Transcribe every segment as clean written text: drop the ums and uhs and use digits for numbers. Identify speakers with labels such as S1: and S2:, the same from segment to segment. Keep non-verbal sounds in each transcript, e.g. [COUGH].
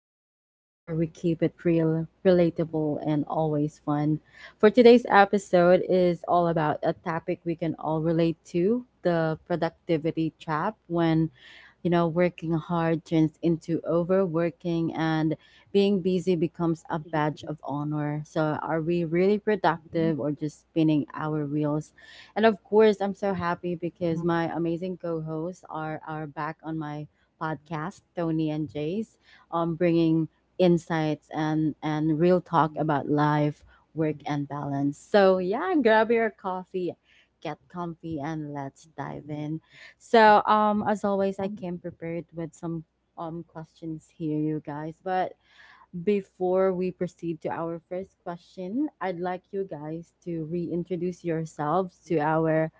S1: the podcast where we keep it real, relatable, and always fun. For today's episode is all about a topic we can all relate to, the productivity trap when working hard turns into overworking and being busy becomes a badge of honor. So are we really productive or just spinning our wheels, and of course, I'm so happy because my amazing co-hosts are back on my podcast, Tony and Jace, bringing insights and real talk about life, work, and balance. So yeah, grab your coffee, get comfy, and let's dive in. So, as always, I came prepared with some questions here, you guys, but before we proceed to our first question, I'd like you guys to reintroduce yourselves to our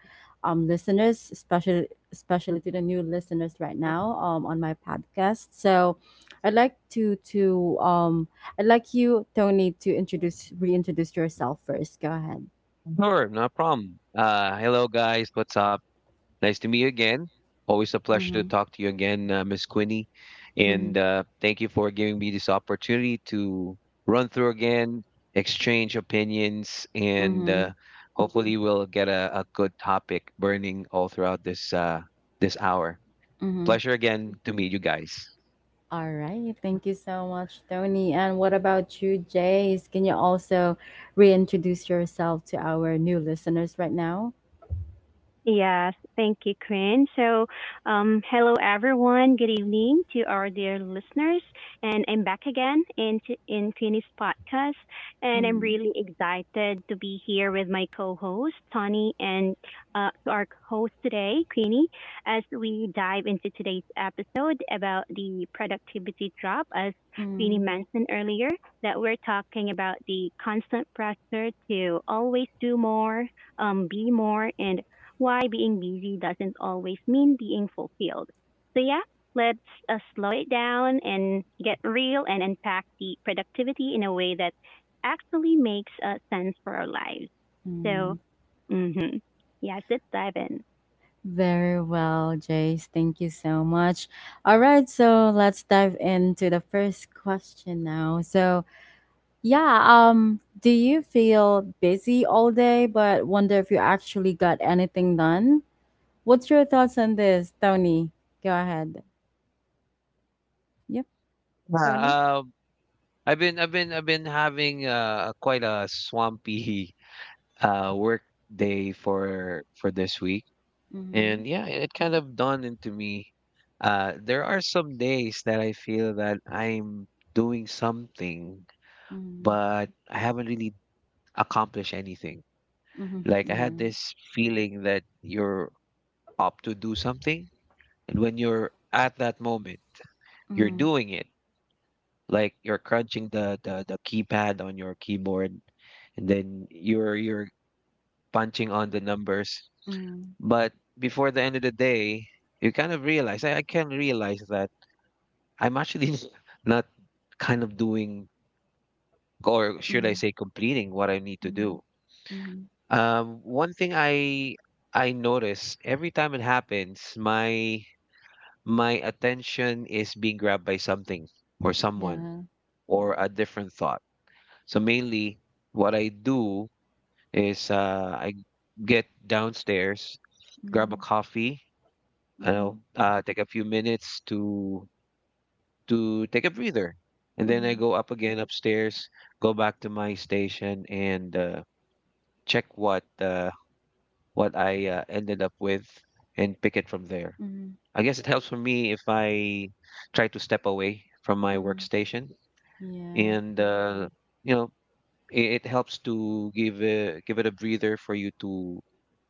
S1: listeners, especially to the new listeners right now, on my podcast. So, I'd like to to um, I'd like you, Tony, to introduce reintroduce yourself first. Go ahead.
S2: Sure, no problem. Hello, guys. What's up? Nice to meet you again. Always a pleasure to
S1: Mm-hmm.
S2: talk to you again, Miss Quinny. And Thank you for giving me this opportunity to run through again, exchange opinions, and
S1: Mm-hmm.
S2: hopefully we'll get a good topic burning all throughout this hour.
S1: Mm-hmm.
S2: Pleasure again to meet you guys.
S1: All right. Thank you so much, Tony. And what about you, Jace? Can you also reintroduce yourself to our new listeners right now?
S3: Yes, thank you, Quinn. Hello everyone. Good evening to our dear listeners, and I'm back again in Queenie's podcast, and I'm
S1: Mm,
S3: really excited to be here with my co-host Tony and to our host today, Queenie, as we dive into today's episode about the productivity drop, as Queenie
S1: mm,
S3: mentioned earlier. That we're talking about the constant pressure to always do more, be more and why being busy doesn't always mean being fulfilled. So, yeah, let's slow it down and get real and unpack the productivity in a way that actually makes sense for our lives. So,
S1: mm.
S3: hmm yes, let's dive in.
S1: Very well, Jace. Thank you so much. All right. So let's dive into the first question now. So, yeah, do you feel busy all day but wonder if you actually got anything done? What's your thoughts on this, Tony? Go ahead. Yep,
S2: Yeah,
S1: Tony.
S2: I've been having quite a swampy [LAUGHS] work day for this week. And yeah, it kind of dawned into me. There are some days that I feel that I'm doing something,
S1: Mhm.
S2: but I haven't really accomplished anything.
S1: Mhm.
S2: Like I had
S1: Yeah.
S2: this feeling that you're up to do something, and when you're at that moment, you're
S1: Mhm.
S2: doing it, like you're crunching the keypad on your keyboard, and then you're punching on the numbers.
S1: Mhm.
S2: But before the end of the day, you kind of realize, I can realize that I'm actually [LAUGHS] not kind of doing, or should I
S1: Mhm.
S2: say, completing what I need to
S1: Mhm.
S2: do.
S1: Mhm.
S2: One thing I notice every time it happens, my attention is being grabbed by something, or someone,
S1: Yeah.
S2: or a different thought. So mainly what I do is I get downstairs, grab a
S1: Mhm.
S2: coffee, you know,
S1: Mhm.
S2: take a few minutes to take a breather, and then I
S1: Mhm.
S2: go up again upstairs, go back to my station, and check what I ended up with, and pick it from there.
S1: Mhm.
S2: I guess it helps for me if I try to step away from my
S1: Mhm.
S2: workstation,
S1: Yeah.
S2: and you know, it helps to give it a breather for you to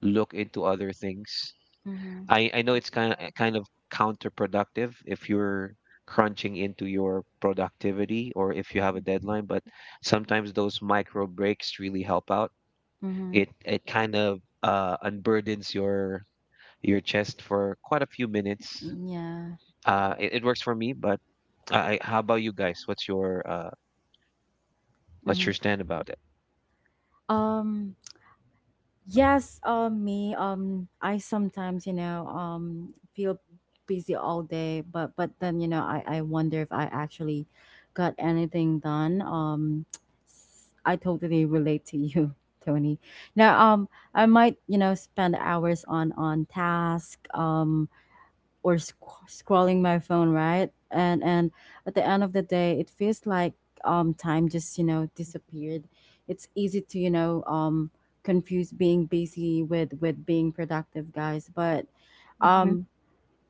S2: look into other things.
S1: Mhm.
S2: I know it's kind of counterproductive if you're crunching into your productivity, or if you have a deadline, but sometimes those micro breaks really help out.
S1: Mhm.
S2: It kind of unburdens your chest for quite a few minutes.
S1: Yeah.
S2: It works for me. But how about you guys? What's your
S1: Mhm.
S2: stand about it?
S1: Um. Yes, me, I sometimes, feel busy all day, but but then, I wonder if I actually got anything done. I totally relate to you, [LAUGHS] Tony. Now, I might, spend hours on task, or scrolling my phone, right, and at the end of the day it feels like time just disappeared. It's easy to confuse being busy with being productive, guys, but
S3: hmm
S1: um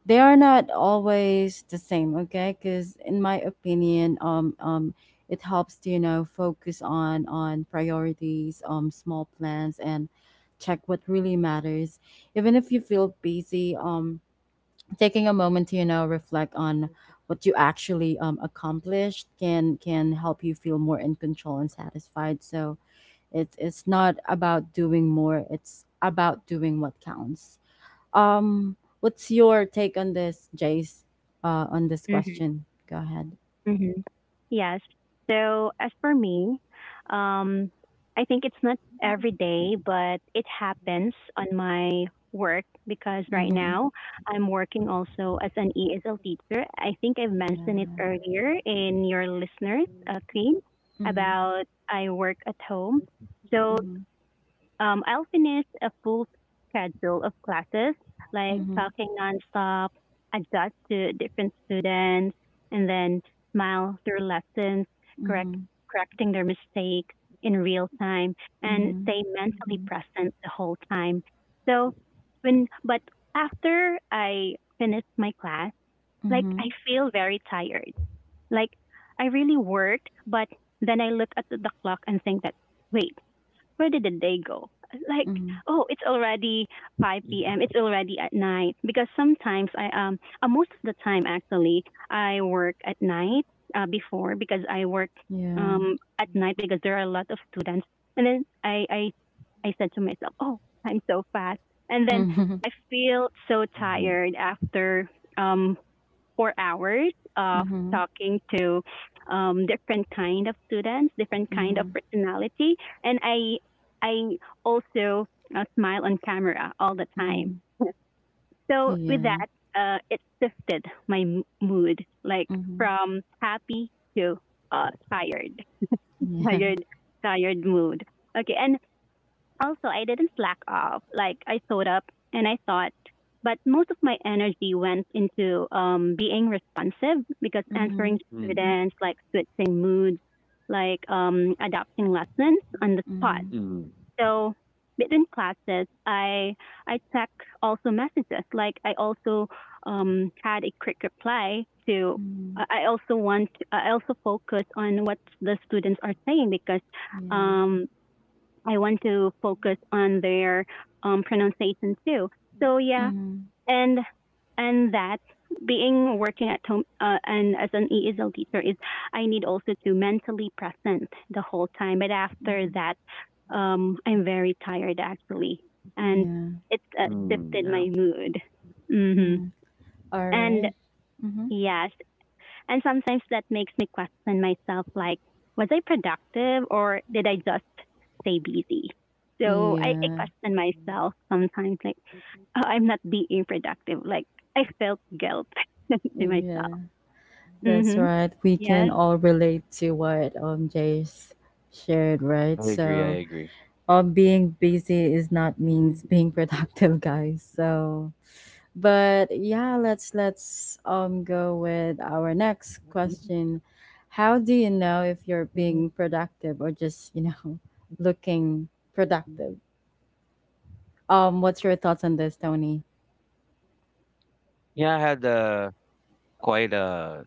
S1: they are not always the same. Okay, because in my opinion it helps to focus on priorities, small plans, and check what really matters. Even if you feel busy, taking a moment to reflect on what you actually accomplished can help you feel more in control and satisfied. So it's not about doing more, it's about doing what counts. What's your take on this, Jace, on this question? Go ahead.
S3: hmm hmm Yes. So as for me, um, I think it's not every day, but it happens on my work because right
S1: Mm-hmm.
S3: now I'm working also as an ESL teacher. I think I've mentioned it
S1: Yeah.
S3: earlier in your listeners, Queen,
S1: Mm-hmm.
S3: about I work at home. So
S1: Mm-hmm.
S3: I'll finish a full schedule of classes, like
S1: Mm-hmm.
S3: talking nonstop, adjust to different students, and then smile through lessons, correct, correcting their mistakes in real time,
S1: Mm-hmm.
S3: and
S1: Mm-hmm.
S3: stay mentally present the whole time. So when, but After I finish my class, like
S1: Mm-hmm.
S3: I feel very tired. Like I really worked, but then I look at the clock and think that wait, where did the day go? [LAUGHS] Like,
S1: Mm-hmm.
S3: oh, it's already 5
S2: Yeah.
S3: p.m. It's already at night because sometimes I most of the time actually I work at night before because I work
S1: Yeah.
S3: at night because there are a lot of students and then I said to myself, oh, time so fast, and then
S1: [LAUGHS] Mm-hmm.
S3: I feel so
S2: Mm,
S3: tired after um 4 hours of
S1: Mm-hmm.
S3: talking to different kind of students, different kind of
S1: Mm-hmm.
S3: personality, and I also smile on camera all the
S1: Mm-hmm.
S3: time. So with
S1: Yeah.
S3: that, it shifted my mood, like
S1: Mm-hmm.
S3: from happy to uh, tired,
S1: Yeah.
S3: tired, tired mood. Okay, and also, I didn't slack off. Like I showed up and I thought, but most of my energy went into being responsive because answering
S1: Mhm,
S2: mm,
S3: students, like switching moods, like adapting lessons on the spot.
S1: mhm,
S2: mm.
S3: So between classes, I check also messages. Like I also had a quick reply to.
S1: mhm,
S3: I also want. I also focus on what the students are saying because
S1: yeah.
S3: um, I want to focus on their pronunciation too. So yeah,
S1: Mhm,
S3: and and that being working at home and as an ESL teacher is I need also to mentally present the whole time. But after
S1: mhm,
S3: that, I'm very tired actually, and
S1: yeah.
S3: it's shifted my mood. hmm
S1: Mhm. All
S3: And
S1: right. Mhm.
S3: yeah, and sometimes that makes me question myself like, was I productive or did I just stay busy? So I
S1: Yeah.
S3: question myself sometimes like, oh, I'm not being productive. Like I felt guilt [LAUGHS] to myself.
S1: Yeah. That's
S3: Mm-hmm.
S1: right. We
S3: Yes.
S1: can all relate to what Jay's shared, right?
S2: I agree.
S1: So,
S2: I agree.
S1: being busy is not means being [LAUGHS] productive, guys. But yeah, let's go with our next question. How do you know if you're being productive or just, [LAUGHS] looking productive? What's your thoughts on this, Tony?
S2: Yeah, I had quite a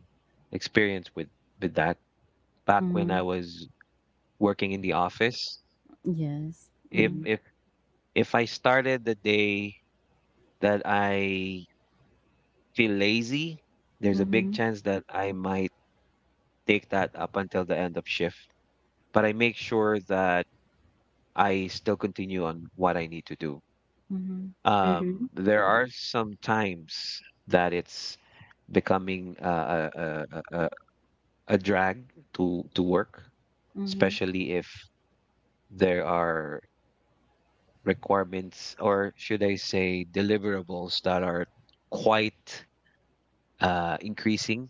S2: experience with that, back when
S1: Mm-hmm.
S2: I was working in the office.
S1: Yes.
S2: If
S1: Mm-hmm.
S2: hmm if I started the day that I feel lazy, there's a big
S1: Mm-hmm.
S2: chance that I might take that up until the end of shift. But I make sure that I still continue on what I need to do.
S1: Mm-hmm.
S3: Mm-hmm.
S2: There are some times that it's becoming a drag to work,
S1: Mm-hmm.
S2: especially if there are requirements, or should I say, deliverables that are quite increasing.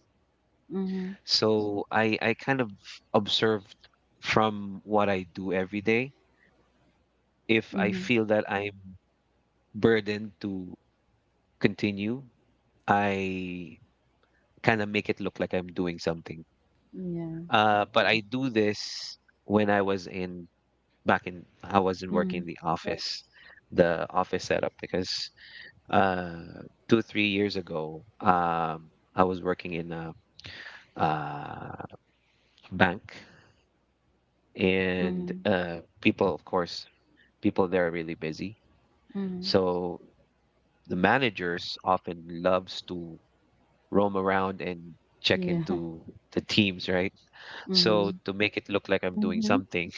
S2: So I kind of observed from what I do every day. If I
S1: Mm-hmm. Mm-hmm.
S2: feel that I'm burdened to continue, I kind of make it look like I'm doing something.
S1: Yeah.
S2: But I do this when I was in back in I wasn't working
S1: Mm-hmm.
S2: in the office setup, because uh, two three years ago, I was working in a uh, bank, and
S1: Mm-hmm.
S2: people, of course, people there are really busy.
S1: Mm-hmm.
S2: So the managers often loves to roam around and check
S1: Yeah.
S2: into the teams, right?
S1: [LAUGHS]
S2: So
S1: Mm-hmm.
S2: to make it look like I'm doing
S3: Mm-hmm.
S2: something,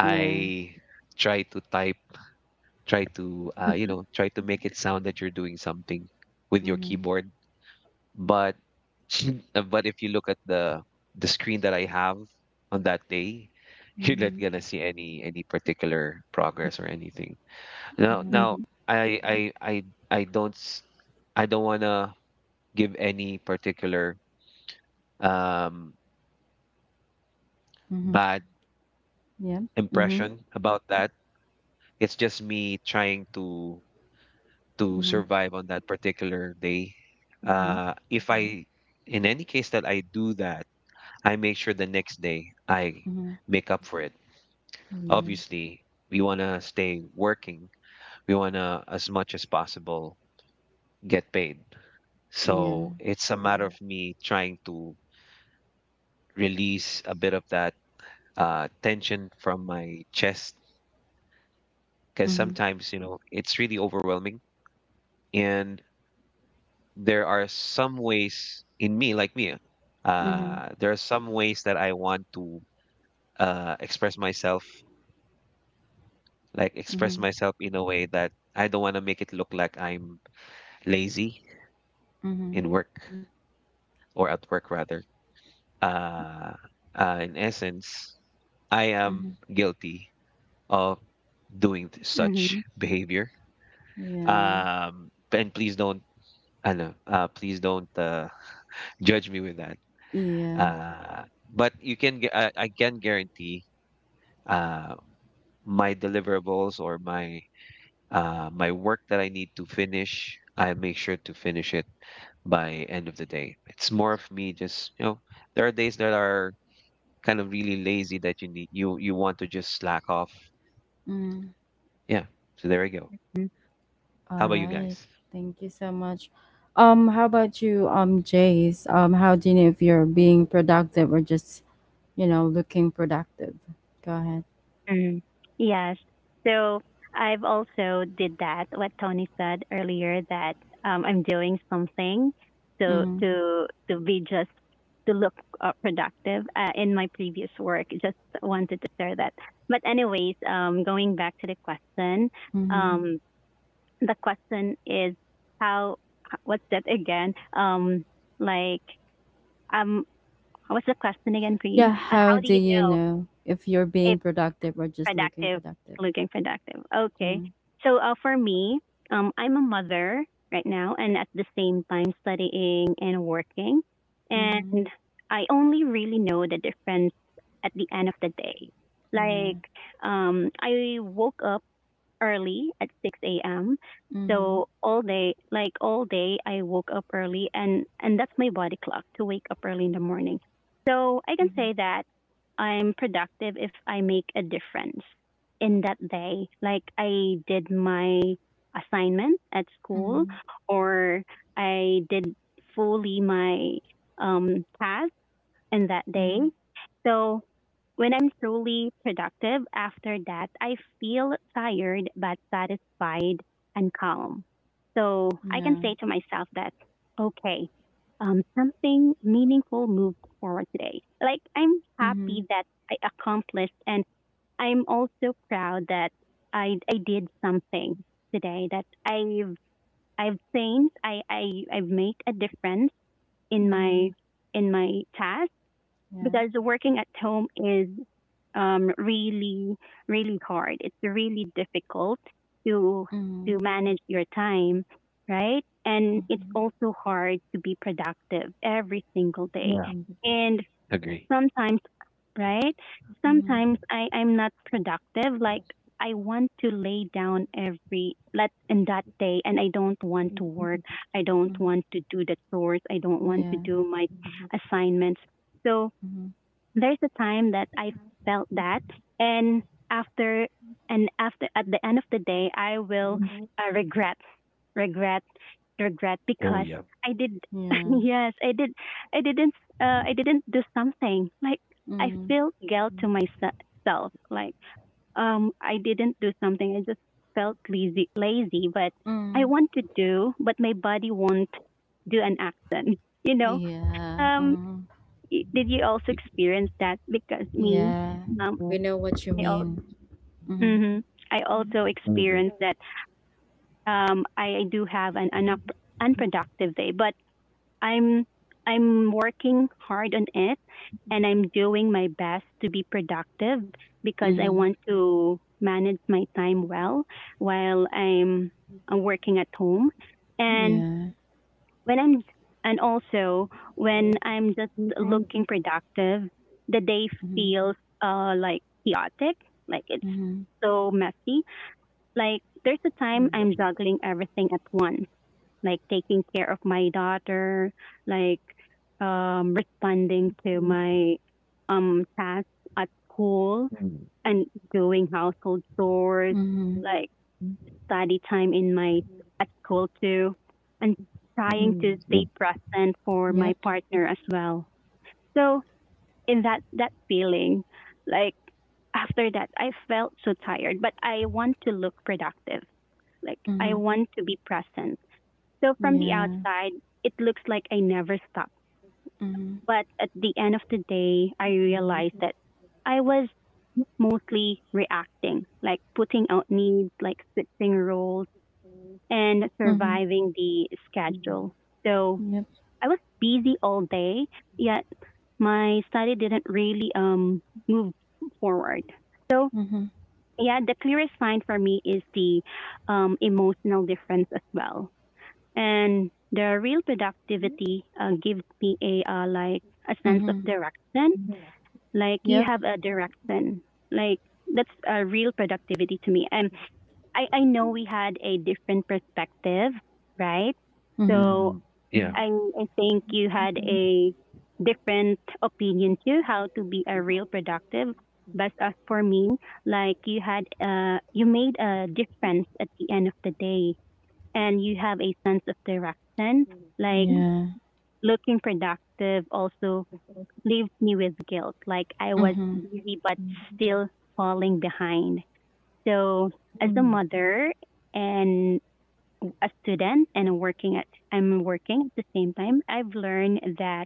S1: Yeah.
S2: try to type, try to you
S3: Mm-hmm.
S2: know, try to make it sound that you're doing something with your
S1: Mm-hmm.
S2: keyboard. But [LAUGHS] but if you look at the screen that I have on that day, [LAUGHS] you're not
S1: Mm-hmm.
S2: gonna see any particular progress or anything. Now
S1: Mm-hmm.
S2: now I I I I don't s- I don't wanna give any particular um
S1: Mm-hmm.
S2: bad
S1: Yeah. Mm-hmm.
S2: impression about that. It's just me trying to
S1: Mm-hmm.
S2: survive on that particular day.
S1: Yeah.
S2: If I In any case that I do that, I make sure the next day I
S1: Mm-hmm.
S2: make up for it.
S1: Yeah.
S2: Obviously, we want to stay working. We want to, as much as possible, get paid.
S1: Yeah.
S2: So it's a matter of me trying to release a bit of that tension from my chest, because
S1: Mhm,
S2: sometimes, you know, it's really overwhelming. And there are some ways in me, like me,
S1: mhm,
S2: there are some ways that I want to express myself, like express
S1: mhm,
S2: myself in a way that I don't want to make it look like I'm lazy
S1: mhm,
S2: in work, or at work rather. Uh, in essence, I am
S1: mhm.
S2: guilty of doing such
S3: Mm-hmm.
S2: behavior.
S1: Yeah,
S2: And please don't, I know, please don't judge me with that.
S1: yeah.
S2: Uh, but you can, gu- I can guarantee uh, my deliverables, or my work that I need to finish, I make sure to finish it by end of the day. It's more of me just, you know, there are days that are kind of really lazy that you need you you want to just slack off.
S1: Mm.
S2: Yeah. So there we go.
S3: Mm-hmm.
S1: All
S2: How about you guys?
S1: right. Thank you so much. How about you, Jace? How do you know if you're being productive or just, looking productive? Go ahead.
S3: Mm, yes. So I've also did that, what Tony said earlier, that I'm doing something
S1: Mm,
S3: to be just to look productive in my previous work. Just wanted to share that. But anyways, going back to
S1: mm-hmm.
S3: um, the question is how what's that again? Like um, what's the question again, Queen?
S1: Yeah, how
S3: How do
S1: do
S3: you
S1: you
S3: know
S1: know if you're being productive or just looking
S3: productive,
S1: productive?
S3: looking productive. Okay.
S1: Mm,
S3: So for me, I'm a mother right now, and at the same time studying and working,
S1: mm-hmm.
S3: and I only really know the difference at the end of the day. Like,
S1: Yeah.
S3: I woke up early at 6 a.m.
S1: Mm-hmm.
S3: So all day, like all day, I woke up early, and that's my body clock to wake up early in the morning. So I can
S1: Mm-hmm.
S3: say that I'm productive if I make a difference in that day. Like I did my assignment at school,
S1: Mm-hmm.
S3: or I did fully my task in that day.
S1: Mm-hmm.
S3: So when I'm truly productive after that, I feel tired but satisfied and calm. So I can
S1: Yeah.
S3: say to myself that, okay, something meaningful moved forward today. Like I'm
S1: Mm-hmm.
S3: happy that I accomplished and I'm also proud that I did something today I've changed. I've made a difference in my,
S1: Mm-hmm.
S3: in my task
S1: Yeah.
S3: because working at home is um, really, really hard. It's really difficult to to
S1: Mm-hmm.
S3: manage your time, right? And it's
S1: Mhm,
S3: also hard to be productive every single day. And
S2: Agree.
S3: sometimes, right?
S1: mhm,
S3: Sometimes I'm not productive. Like I want to lay down every let in that day and I don't want to work. I don't
S1: mhm.
S3: want to do the chores. I don't want to
S1: Yeah.
S3: do my assignments. So
S1: Mhm.
S3: there's a time that I felt that, and after after at the end of the day, I will uh, regret, regret, regret
S2: Oh
S3: because
S2: yeah.
S3: I did. [LAUGHS]
S1: Yeah.
S3: Yes, I did. I didn't. I didn't do something. Like I
S1: Mm.
S3: feel guilt to myself. Like I didn't do something. I just felt lazy. Lazy, but I
S1: Mm.
S3: want to do, but my body won't do an action. [LAUGHS] You know.
S1: Yeah.
S3: Um,
S1: Mm.
S3: Did you also
S2: Y-
S3: experience that? Because me,
S1: Yeah.
S3: um,
S1: We know what you
S3: I al-
S1: mean. Mhm.
S3: mhm. I also
S2: I agree.
S3: experienced that. I do have an unproductive day, but I'm I'm working hard on it, and I'm doing my best to be productive because I
S1: Mhm.
S3: want to manage my time well while I'm working at home. And
S1: Yeah.
S3: when I'm and also when I'm just looking productive, the day
S1: Mhm.
S3: feels like chaotic, like it's
S1: Mhm.
S3: so messy. Like there's a time I'm juggling everything at once, like taking care of my daughter, like responding to my tasks at school and doing household chores,
S1: Mhm.
S3: like study time in my at school too, and trying to
S2: Mm,
S3: stay
S2: Mm.
S3: present for my
S1: Yep.
S3: partner as well. So in that feeling, like after that, I felt so tired, but I want to look productive. Like I
S1: Mhm.
S3: want to be present. So from the
S1: Yeah.
S3: outside, it looks like I never stopped.
S1: Mhm.
S3: But at the end of the day, I realized that I was mostly reacting, like putting out needs, like switching roles and
S1: Mhm.
S3: surviving the schedule. So
S1: Yep.
S3: I was busy all day, yet my study didn't really move forward. So
S1: Mhm.
S3: yeah, the clearest sign for me is the emotional difference as well. And the real productivity gives me a like a sense of
S1: Mhm.
S3: direction. Like you
S1: Yep.
S3: have a direction. Like that's a real productivity to me. And I know we had a different perspective, right?
S2: Yeah.
S1: Mhm.
S3: So
S2: Mm, yeah.
S3: I think you had a different opinion too, how to be a real productive. But as for me, like you had, you made a difference at the end of the day and you have a sense of direction. Like
S1: Yeah.
S3: looking productive also leaves me with guilt. Like I was
S1: Mhm.
S3: busy, but still falling behind. So as a mother and a student and I'm working at the same time, I've learned that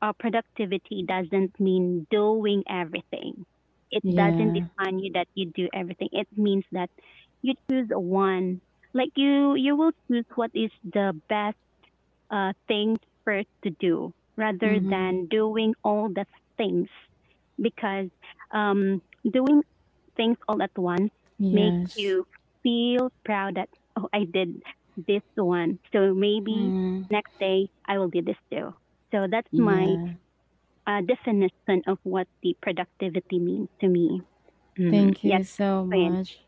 S3: productivity doesn't mean doing everything. It doesn't
S1: Yeah.
S3: define you that you do everything. It means that you choose one. Like you will choose what is the best thing first to do rather
S1: Mhm.
S3: than doing all the things because um doing things all at once make
S1: Yes.
S3: you feel proud that, oh, I did this one. So maybe
S1: Mm.
S3: next day I will do this too. So that's my
S1: Yeah.
S3: definition of what the productivity means to me. Mm-hmm.
S1: Thank you
S3: Yes,
S1: so
S3: Queen.
S1: much.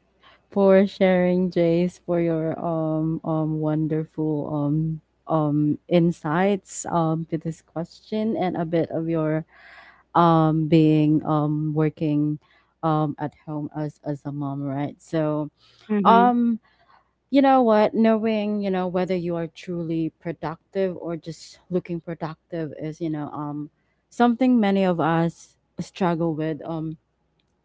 S1: for sharing, Jace, for your wonderful insights to this question and a bit of your being working at home as a mom, right? So
S3: Mm-hmm.
S1: um you know what, knowing, whether you are truly productive or just looking productive is, something many of us struggle with.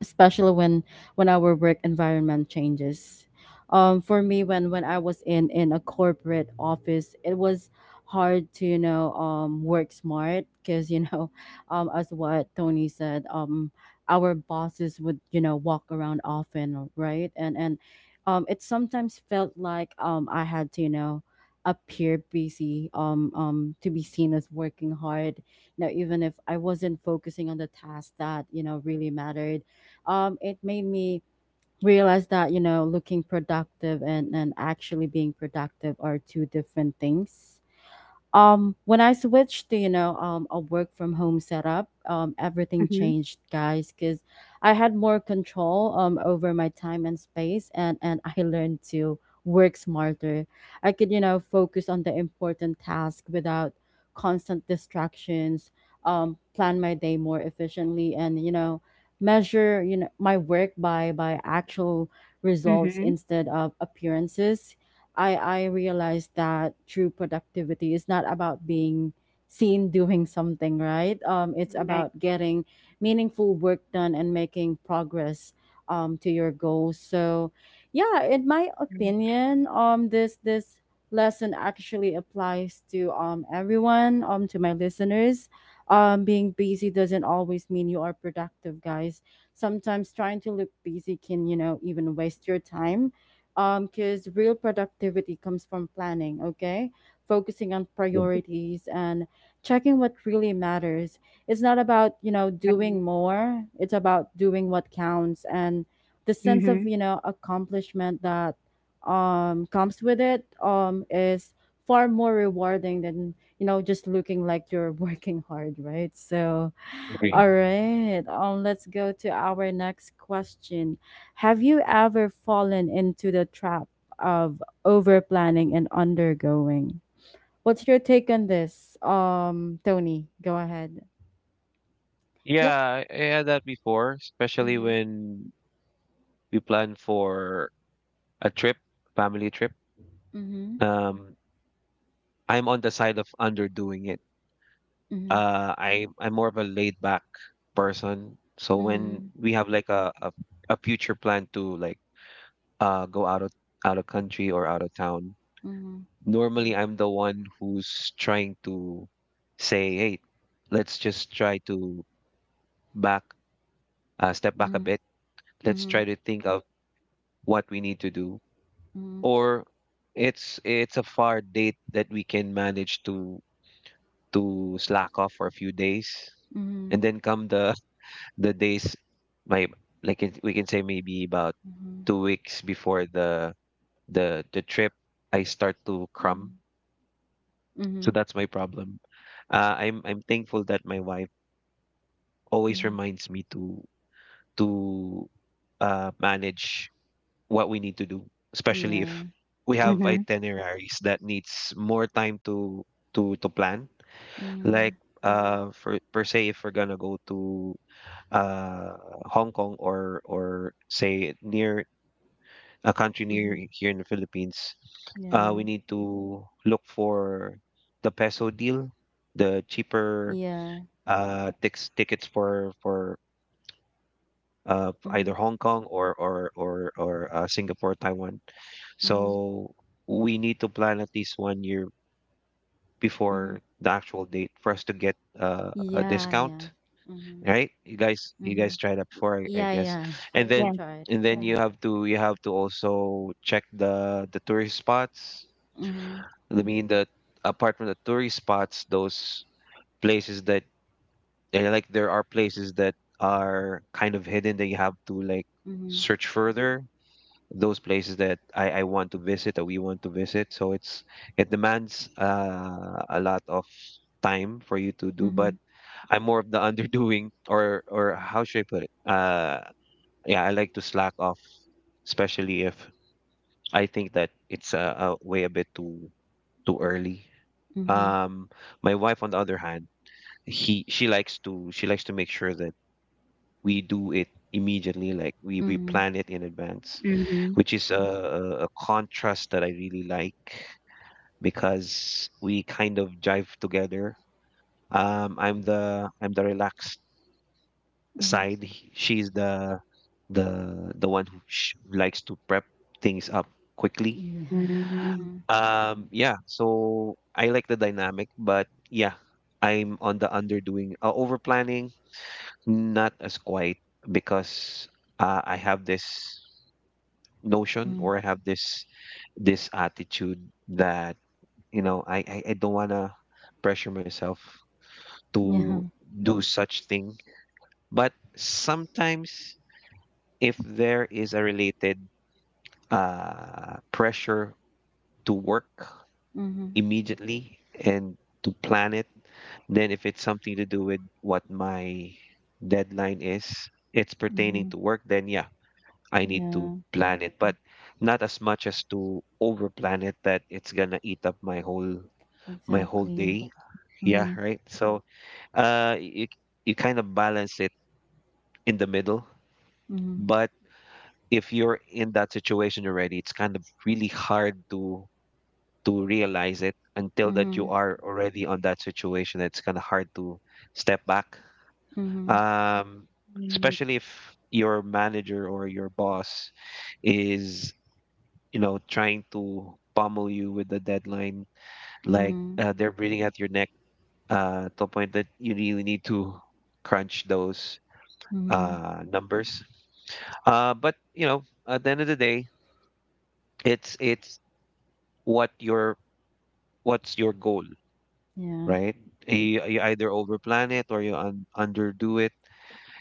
S1: Especially when our work environment changes. For me, when I was in a corporate office, it was hard to work smart because [LAUGHS] as what Tony said, our bosses would walk around often, right? And it sometimes felt like I had to appear busy, to be seen as working hard. Now, even if I wasn't focusing on the task that really mattered, it made me realize that looking productive and actually being productive are two different things. When I switched to, a work from home setup, everything
S3: Mm-hmm.
S1: changed, guys, because I had more control over my time and space, and I [LAUGHS] learned to work smarter. I could, focus on the important task without constant distractions, plan my day more efficiently, and, measure, my work by actual results
S3: Mm-hmm.
S1: instead of appearances. I realized that true productivity is not about being seen doing something, right? It's
S3: Right.
S1: about getting meaningful work done and making progress, to your goals. So, yeah, in my opinion, this lesson actually applies to everyone, to my listeners. Being busy doesn't always mean you are productive, guys. Sometimes trying to look busy can, even waste your time because real productivity comes from planning, okay? Focusing on
S2: Yeah,
S1: priorities and checking what really matters. It's not about, doing
S3: Right.
S1: more, it's about doing what counts, and the sense
S3: Mm-hmm.
S1: of, accomplishment that comes with it is far more rewarding than, just looking like you're [LAUGHS] working hard, right? So,
S2: agree.
S1: all right, let's go to our next question. Have you ever fallen into the trap of over planning and undergoing? What's your take on this? Tony, go ahead. Yep.
S2: Yeah, I had that before, especially
S1: Mhm.
S2: when we plan for a trip, family trip.
S1: Mhm.
S2: Um, I'm on the side of underdoing it.
S1: Mhm.
S2: I'm more of a laid back person. So when
S1: Mhm.
S2: we have like a future plan to like go out of country, or out of town,
S1: Mhm.
S2: normally I'm the one who's trying to say, hey, let's just try to back step back a bit. Let's
S1: Mhm.
S2: try to think of what we need to do.
S1: Mhm.
S2: Or it's a far date that we can manage to slack off for a few days, and
S1: Mhm.
S2: then come the days, my we can say maybe about
S1: Mhm.
S2: 2 weeks before the trip, I start to crumb.
S1: Mhm. Mhm.
S2: So
S1: Mhm.
S2: that's my problem. I'm thankful that my wife always
S1: Mhm.
S2: reminds me to manage what we need to do, especially if
S1: Yeah.
S2: we have
S3: Mm-hmm.
S2: itineraries that needs more time to plan.
S1: Mhm.
S2: Like for per se, if we're gonna go to uh, Hong Kong, or say near a country near
S1: Mhm.
S2: here in the Philippines,
S1: Yeah.
S2: we need to look for the peso deal, the cheaper
S1: Yeah.
S2: tix tickets for
S1: Mhm.
S2: either Hong Kong, or Singapore, Taiwan.
S1: Mhm.
S2: So we need to plan at least one year
S1: Mhm.
S2: before the actual date for us to get a
S1: Yeah.
S2: discount,
S1: Yeah. Mhm.
S2: right? You
S1: Mhm.
S2: guys tried that
S1: Y-
S2: before, I
S1: Yeah.
S2: guess.
S1: Yeah.
S2: And
S1: [LAUGHS] We
S2: then
S3: Yes.
S1: tried.
S2: and then
S1: Mhm.
S2: you have to also check the tourist spots.
S1: Mhm.
S2: I mean that apart from the tourist spots, those places that like there are places that are kind of hidden that you have to like
S1: Mhm,
S2: search further. Those places that I want to visit, that we want to visit. So it demands a lot of time for you to do. But
S1: mhm,
S2: I'm more of the [LAUGHS] underdoing, or how should I put it? Yeah, I like to slack off, especially if I think that it's way a bit too early.
S1: mhm,
S2: Um, my wife, on the other hand, he she likes to make sure that we do it immediately, like we
S1: mhm,
S2: plan it in advance,
S3: Mm-hmm.
S2: which is a contrast that I really like, because we kind of jive together. I'm the relaxed
S1: mhm.
S2: side. She's the one who sh likes to prep things up quickly.
S1: Yeah.
S3: Mm-hmm.
S1: Mhm,
S2: Yeah, so I like the dynamic, but yeah, I'm on the underdoing, over planning, not as quiet, because I have this notion,
S1: mm,
S2: or I have this attitude that you know I don't wanna pressure myself
S1: yeah.
S2: to do such thing. But sometimes if there is a related pressure to work
S1: Mhm,
S2: immediately and to plan it. Then if it's something to do with what my deadline is, it's pertaining
S1: mhm.
S2: to work, then yeah, I need to
S1: Yeah,
S2: plan it, but not as much as to over plan it that it's gonna eat up my whole
S1: exactly.
S2: day. Yeah,
S1: Mhm,
S2: right. So uh you you kind of balance it in the middle,
S1: mhm,
S2: but if you're in that situation already, it's kind of really hard to realize it until that you
S1: mhm,
S2: are already on that situation. It's kind of hard to step back,
S1: mhm,
S2: um,
S3: Yes.
S2: especially if your manager or your boss is, you know, trying to pummel you with the deadline, like
S1: mhm,
S2: they're breathing at your neck to a point that you really need to crunch those
S1: mhm.
S2: numbers. But you know, at the end of the day, it's what your what's your goal,
S1: Yeah.
S2: right? You either overplan it or you un underdo it.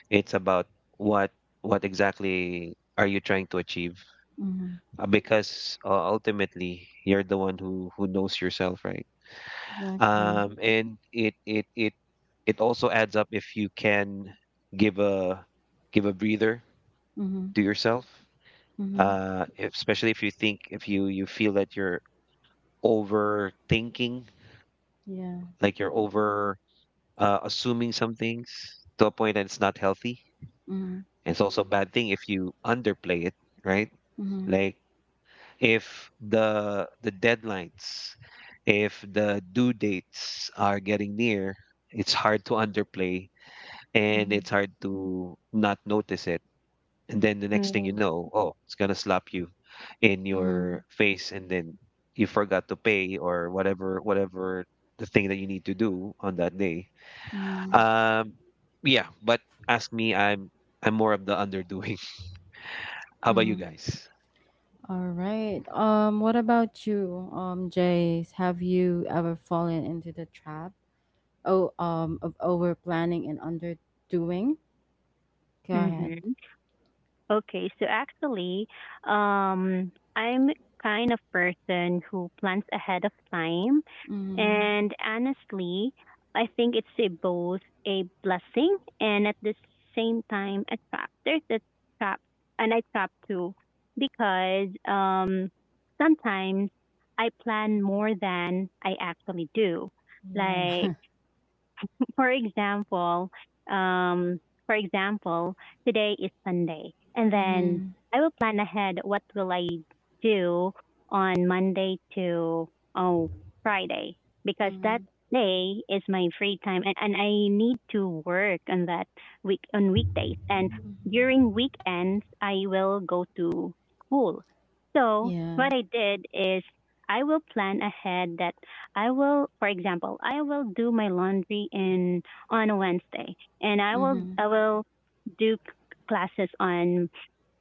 S2: It's about what what exactly are you trying to achieve?
S1: Mhm,
S2: Because ultimately, you're the one who knows yourself, right?
S1: exactly.
S2: And it also adds up if you can give a give a breather
S1: Mhm,
S2: to yourself.
S1: mhm.
S2: Especially if you think if you feel that you're overthinking,
S1: Yeah.
S2: like you're over assuming some things to a point that it's not healthy.
S1: Mhm,
S2: It's also a bad thing if you underplay it, right?
S1: mhm,
S2: Like if the deadlines, if the due dates are getting near, it's hard to underplay and
S1: mhm,
S2: it's hard to not notice it. And then the next thing you know, oh, it's gonna slap you in your
S1: mhm,
S2: face, and then you forgot to pay or whatever the thing that you need to do on that day.
S1: mhm,
S2: Um yeah, but ask me, I'm more of the underdoing. [LAUGHS] How about you
S1: mhm.
S2: guys?
S1: All right. What about you, Jace? Have you ever fallen into the trap? Oh of over planning and underdoing? Go ahead.
S3: Mm-hmm. Okay, so actually, I'm kind of person who plans ahead of time,
S1: Mm,
S3: and honestly, I think it's a both a blessing and at the same time a trap. There's a trap, and I trap too, because sometimes I plan more than I actually do.
S1: yeah. [LAUGHS]
S3: Like for example, um, for example, today is Sunday, and then
S1: Mm-hmm,
S3: I will plan ahead what will I do on Monday to oh Friday because that
S1: mm-hmm,
S3: day is my free time, and I need to work on that week on weekdays and
S1: mm-hmm,
S3: during weekends I will go to school. So
S1: yeah,
S3: what I did is I will plan ahead that I will, for example, I will do my laundry in on a Wednesday, and
S1: mm-hmm,
S3: I will do classes on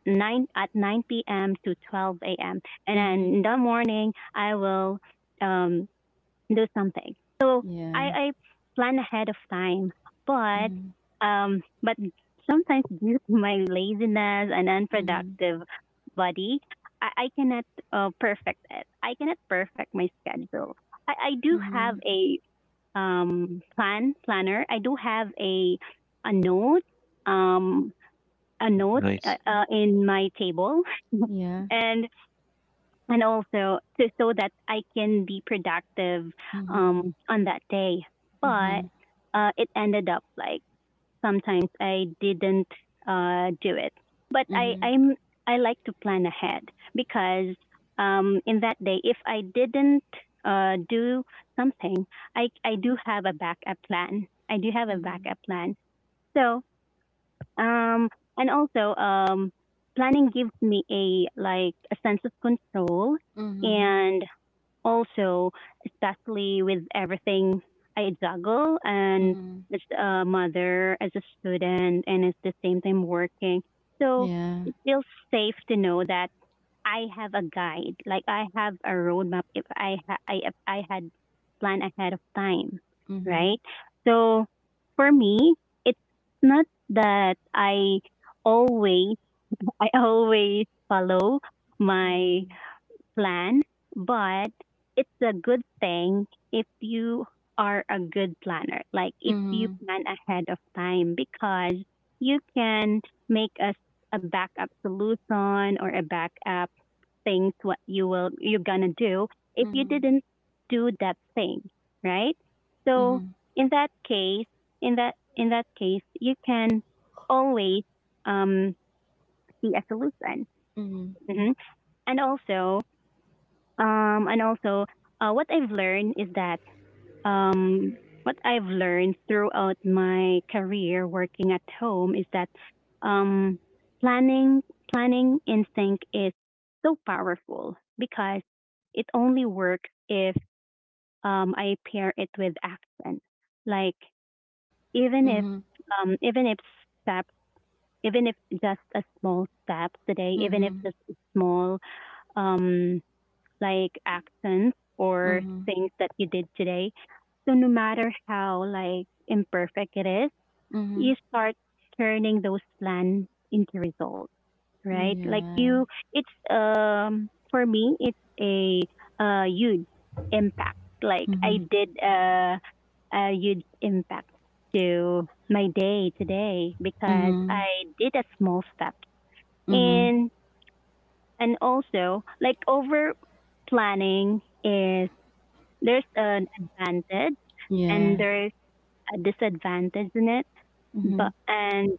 S3: nine p.m. to 12 a.m. and
S1: mm-hmm,
S3: then in the morning I will um, do something. So
S1: yeah,
S3: I plan ahead of time, but
S1: mm-hmm,
S3: um, but sometimes due to my laziness and
S1: mm-hmm,
S3: unproductive body, I cannot perfect it. I cannot perfect my schedule. I do have
S1: mm-hmm,
S3: a planner. I do have a note um,
S2: Nice.
S3: in my table,
S1: yeah,
S3: and and also to, so that I can be productive
S1: mm-hmm,
S3: on that day. But
S1: mm-hmm,
S3: it ended up like sometimes I didn't do it. But I
S1: mm-hmm,
S3: I'm I like to plan ahead because, in that day, if I didn't, do something, I do have a backup plan. I do have a
S1: mm-hmm,
S3: backup plan. So, um, and also, planning gives me a like a sense of control,
S1: mm-hmm,
S3: and also, especially with everything I juggle, and
S1: mm-hmm,
S3: as a mother, as a student, and at the same time working. So
S1: yeah,
S3: it feels safe to know that I have a guide, like I have a roadmap, if I ha- I if I had planned ahead of time,
S1: mm-hmm,
S3: right? So for me, it's not that always I always follow my plan, but it's a good thing if you are a good planner, like if you
S1: mm-hmm,
S3: plan ahead of time, because you can make a backup solution, or a backup things what you're gonna do if you
S1: mm-hmm,
S3: didn't do that thing, right? So
S1: mm-hmm,
S3: in that case, in that case, you can always, um, see a solution.
S1: mm-hmm, mm-hmm,
S3: hmm And also, um, and also, what I've learned is that, um, what I've learned throughout my career working at home is that, um, planning planning instinct is so powerful, because it only works if, I pair it with action. Like even if um, even if step even if just a small step today, even if
S1: mm-hmm,
S3: just a small, um, like accents
S1: mm-hmm,
S3: or
S1: mm-hmm,
S3: things that you did today. So no matter how, like, imperfect it is,
S1: mm-hmm,
S3: you start turning those plans into results, right?
S1: yeah,
S3: For me, it's a huge impact. Like
S1: mm-hmm,
S3: I did, a huge impact to my day today because
S1: mm-hmm,
S3: I did a small step.
S1: mm-hmm,
S3: And and also, like, over planning, is there's an advantage
S1: yeah.
S3: and there's a disadvantage in it.
S1: Mhm,
S3: But and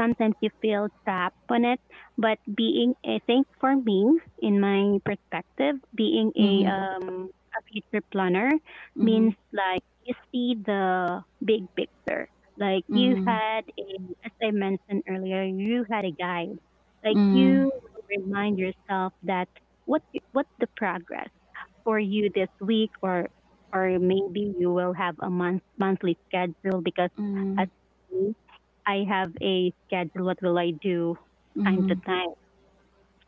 S3: sometimes you feel trapped on it. But being I think for me, in my perspective, being a
S1: mhm,
S3: um a future planner
S1: mhm,
S3: means, like, you see the big picture. Like you
S1: mhm,
S3: had a as I mentioned earlier, you had a guide. Like,
S1: mhm,
S3: you remind yourself that what what the progress for you this week, or maybe you will have a monthly schedule, because, as
S1: mhm,
S3: me, I have a schedule what will I do time to
S1: mhm,
S3: time.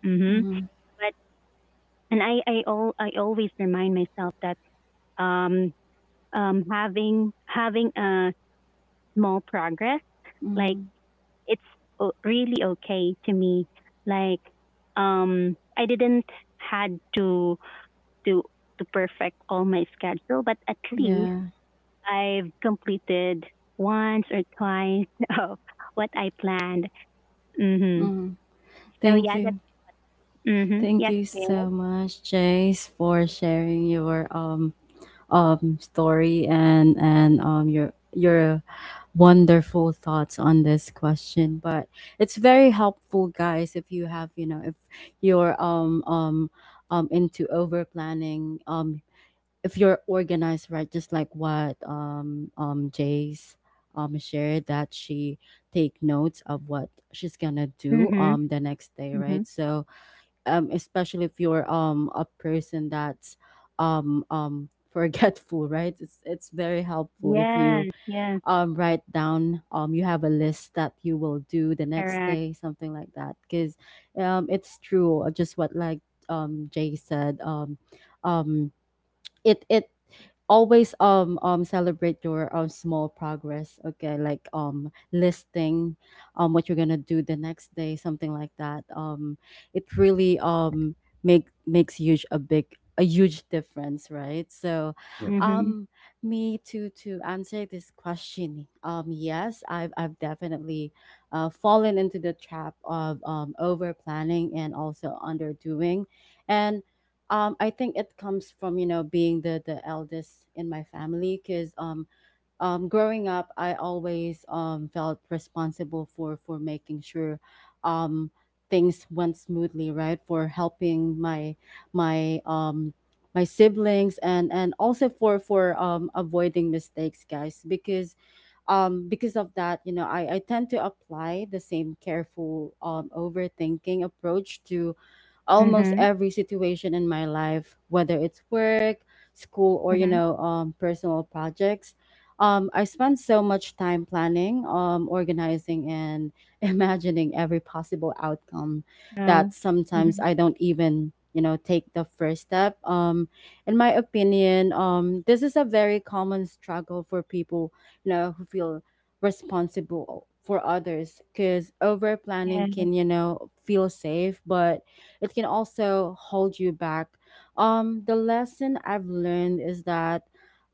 S3: Mhm.
S1: mhm,
S3: But and I all I always remind myself that, um having a small progress, like,
S1: mhm.
S3: it's really okay to me, like, I didn't had to to perfect all my schedule, but at least
S1: Yeah.
S3: I've completed once or twice [LAUGHS] of what I planned. hmm
S1: Mhm.
S3: So
S1: Thank
S3: yeah, that.
S1: you.
S3: Hmm.
S1: Thank
S3: Yes,
S1: you
S3: kid.
S1: so much, Jace, for sharing your story and your wonderful thoughts on this question. But it's very helpful, guys, if you have you know if you're into over planning, if you're organized, right, just like what Jay's shared, that she take notes of what she's gonna do
S3: Hmm.
S1: the next day,
S3: Hmm.
S1: right? So especially if you're a person that's um um [LAUGHS] forgetful, right, it's very helpful if you
S3: Yes, yes,
S1: write down, you have a list that you will do the next
S3: correct.
S1: day, something like that, because it's true, just what like Jay said, um it always, celebrate your small progress, okay, like listing what you're gonna do the next day, something like that, it really makes huge a big a huge difference, right? So
S2: Yeah.
S3: Hmm.
S1: um me, to answer this question, yes, I've definitely fallen into the trap of over planning and also underdoing. And I think it comes from being the eldest in my family because growing up I always, felt responsible for making sure um, things went smoothly, right, for helping my um, my siblings and also for avoiding mistakes, guys, because of that, I tend to apply the same careful, overthinking approach to almost
S3: Hmm.
S1: every situation in my life, whether it's work, school, or,
S3: Hmm.
S1: personal projects. I spend so much time planning, organizing, and [LAUGHS] imagining every possible outcome
S3: No.
S1: that sometimes
S3: Hmm.
S1: I don't even, take the first step. In my opinion, this is a very common struggle for people, who feel responsible for others because over planning
S3: Yes.
S1: can, feel safe, but it can also hold you back. The lesson I've learned is that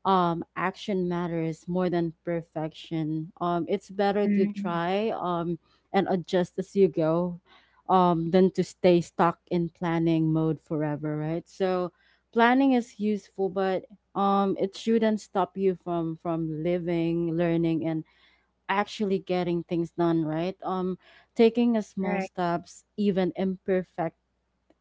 S1: action matters more than perfection. It's better to
S3: Hmm.
S1: try and adjust as you go than to stay stuck in planning mode forever, right? So planning is useful, but it shouldn't stop you from living, learning, and actually getting things done, right? Taking a small
S3: Correct.
S1: steps, even imperfect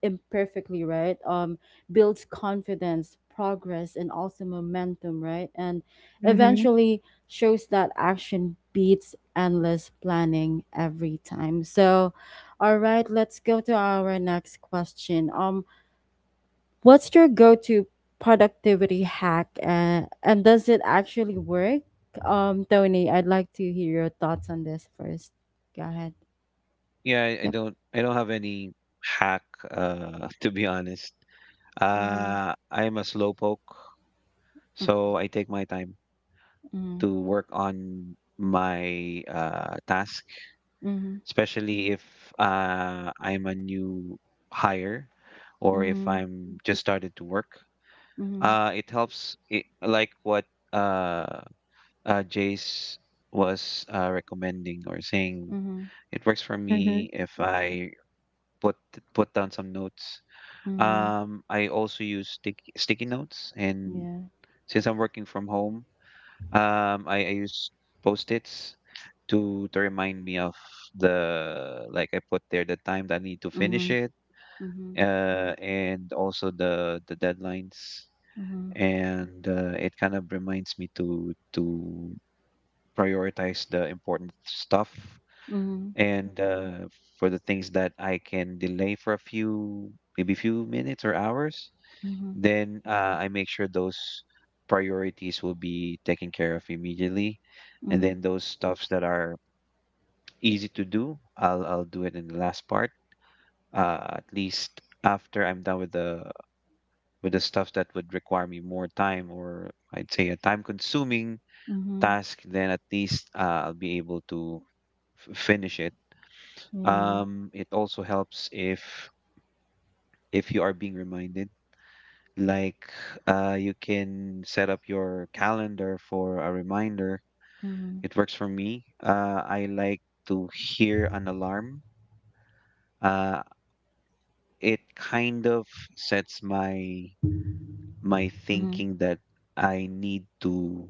S1: imperfectly, right? Builds confidence, progress, and also momentum, right? And
S3: Hmm.
S1: eventually shows that action beats endless planning every time. So, all right, let's go to our next question. What's your go-to productivity hack, and does it actually work? Tony, I'd like to hear your thoughts on this first. Go ahead.
S2: Yeah, I, I
S1: Yep.
S2: don't I don't have any hack [LAUGHS] to be honest.
S1: Mm-hmm.
S2: I'm a slowpoke, so I take my time
S1: Mm-hmm.
S2: to work on my task,
S1: Mm-hmm.
S2: especially if I'm a new hire or if I'm just started to work.
S1: Mm-hmm.
S2: It helps it like what uh Jace was recommending or saying
S1: Mhm,
S2: it works for
S3: Hmm.
S2: me if I put put down some notes.
S1: mhm,
S2: I also use sticky notes, and
S1: yeah.
S2: since I'm working from home, I use post-its to remind me of the, like I put there the time that I need to finish
S1: Mhm,
S2: it,
S1: mhm,
S2: and also the deadlines,
S1: mhm,
S2: and it kind of reminds me to prioritize the important stuff,
S1: mhm,
S2: and for the things that I can delay for a few, maybe few minutes or hours.
S1: mhm,
S2: Then I make sure those priorities will be taken care of immediately. And
S1: mhm,
S2: then those stuffs that are easy to do, I'll do it in the last part. At least after I'm done with the stuff that would require me more time, or I'd say a time consuming
S1: mhm,
S2: task, then at least I'll be able to finish it.
S1: yeah.
S2: It also helps if you are being reminded, like you can set up your calendar for a reminder.
S1: Mhm,
S2: It works for me. I like to hear an alarm. Uh, it kind of sets my
S1: mhm,
S2: thinking that I need to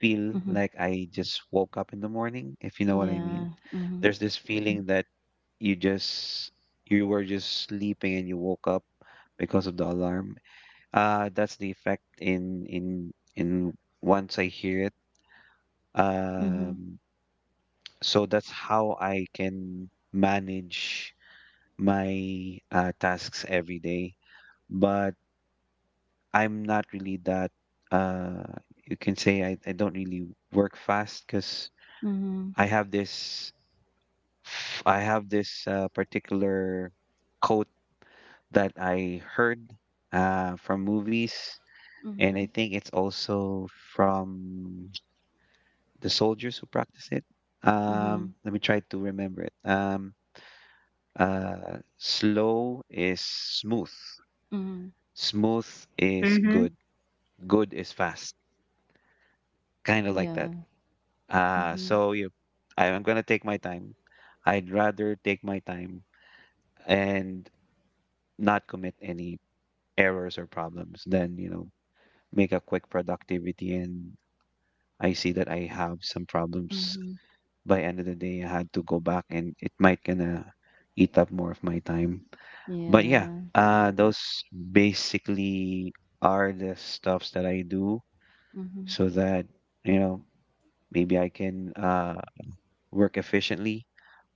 S2: feel
S1: mhm,
S2: like I just woke up in the morning, if you know what I mean.
S1: yeah. Mhm,
S2: There's this feeling that you just you were just sleeping and you woke up because of the alarm. That's the effect in once I hear it.
S1: mhm,
S2: Um, so that's how I can manage my tasks every day. But I'm not really that. Uh, you can say I don't really work fast because
S1: mhm,
S2: I have this I have this particular quote that I heard from movies, and I
S1: mhm,
S2: think it's also from the soldiers who practice it.
S1: mhm,
S2: Let me try to remember it. Slow is smooth.
S1: mhm,
S2: Smooth is
S3: Hmm.
S2: good. Good is fast. Kind of like that.
S1: yeah.
S2: Uh,
S1: Mhm,
S2: so you, I'm gonna take my time. I'd rather take my time and not commit any errors or problems than, you know, make a quick productivity and I see that I have some problems
S1: mhm,
S2: by end of the day, I had to go back and it might gonna eat up more of my time. But yeah,
S1: yeah.
S2: those basically are the stuffs that I do
S1: Mhm,
S2: so that, you know, maybe I can work efficiently,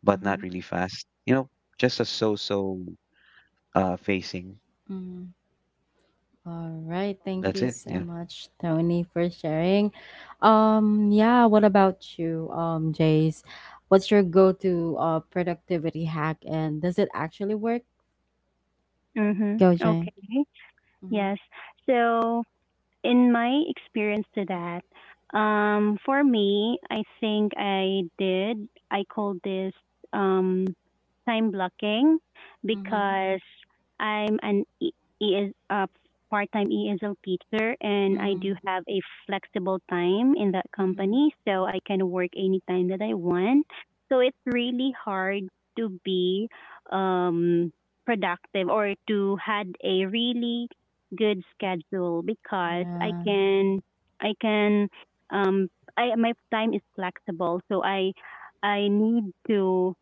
S2: but not
S1: mhm,
S2: really fast. You know, just a so-so facing.
S1: mhm. All right, thank
S2: That's
S1: you
S2: it.
S1: so
S2: Yeah.
S1: much, Tony, for sharing. Yeah, what about you, Jace? What's your go-to productivity hack, and does it actually work?
S3: Hmm.
S1: Go,
S3: Okay.
S1: Jay. Mm-hmm.
S3: Yes. So, in my experience to that, for me, I think I did. I call this, um, time blocking,
S1: Mm-hmm.
S3: because I'm an ES, part-time ESL teacher, and I
S1: Mm-hmm.
S3: do have a flexible time in that
S1: Mm-hmm.
S3: company, so I can work anytime that I want. So it's really hard to be, um, productive, or to had a really good schedule, because I
S1: Yeah.
S3: can I can um I my time is flexible, so I need to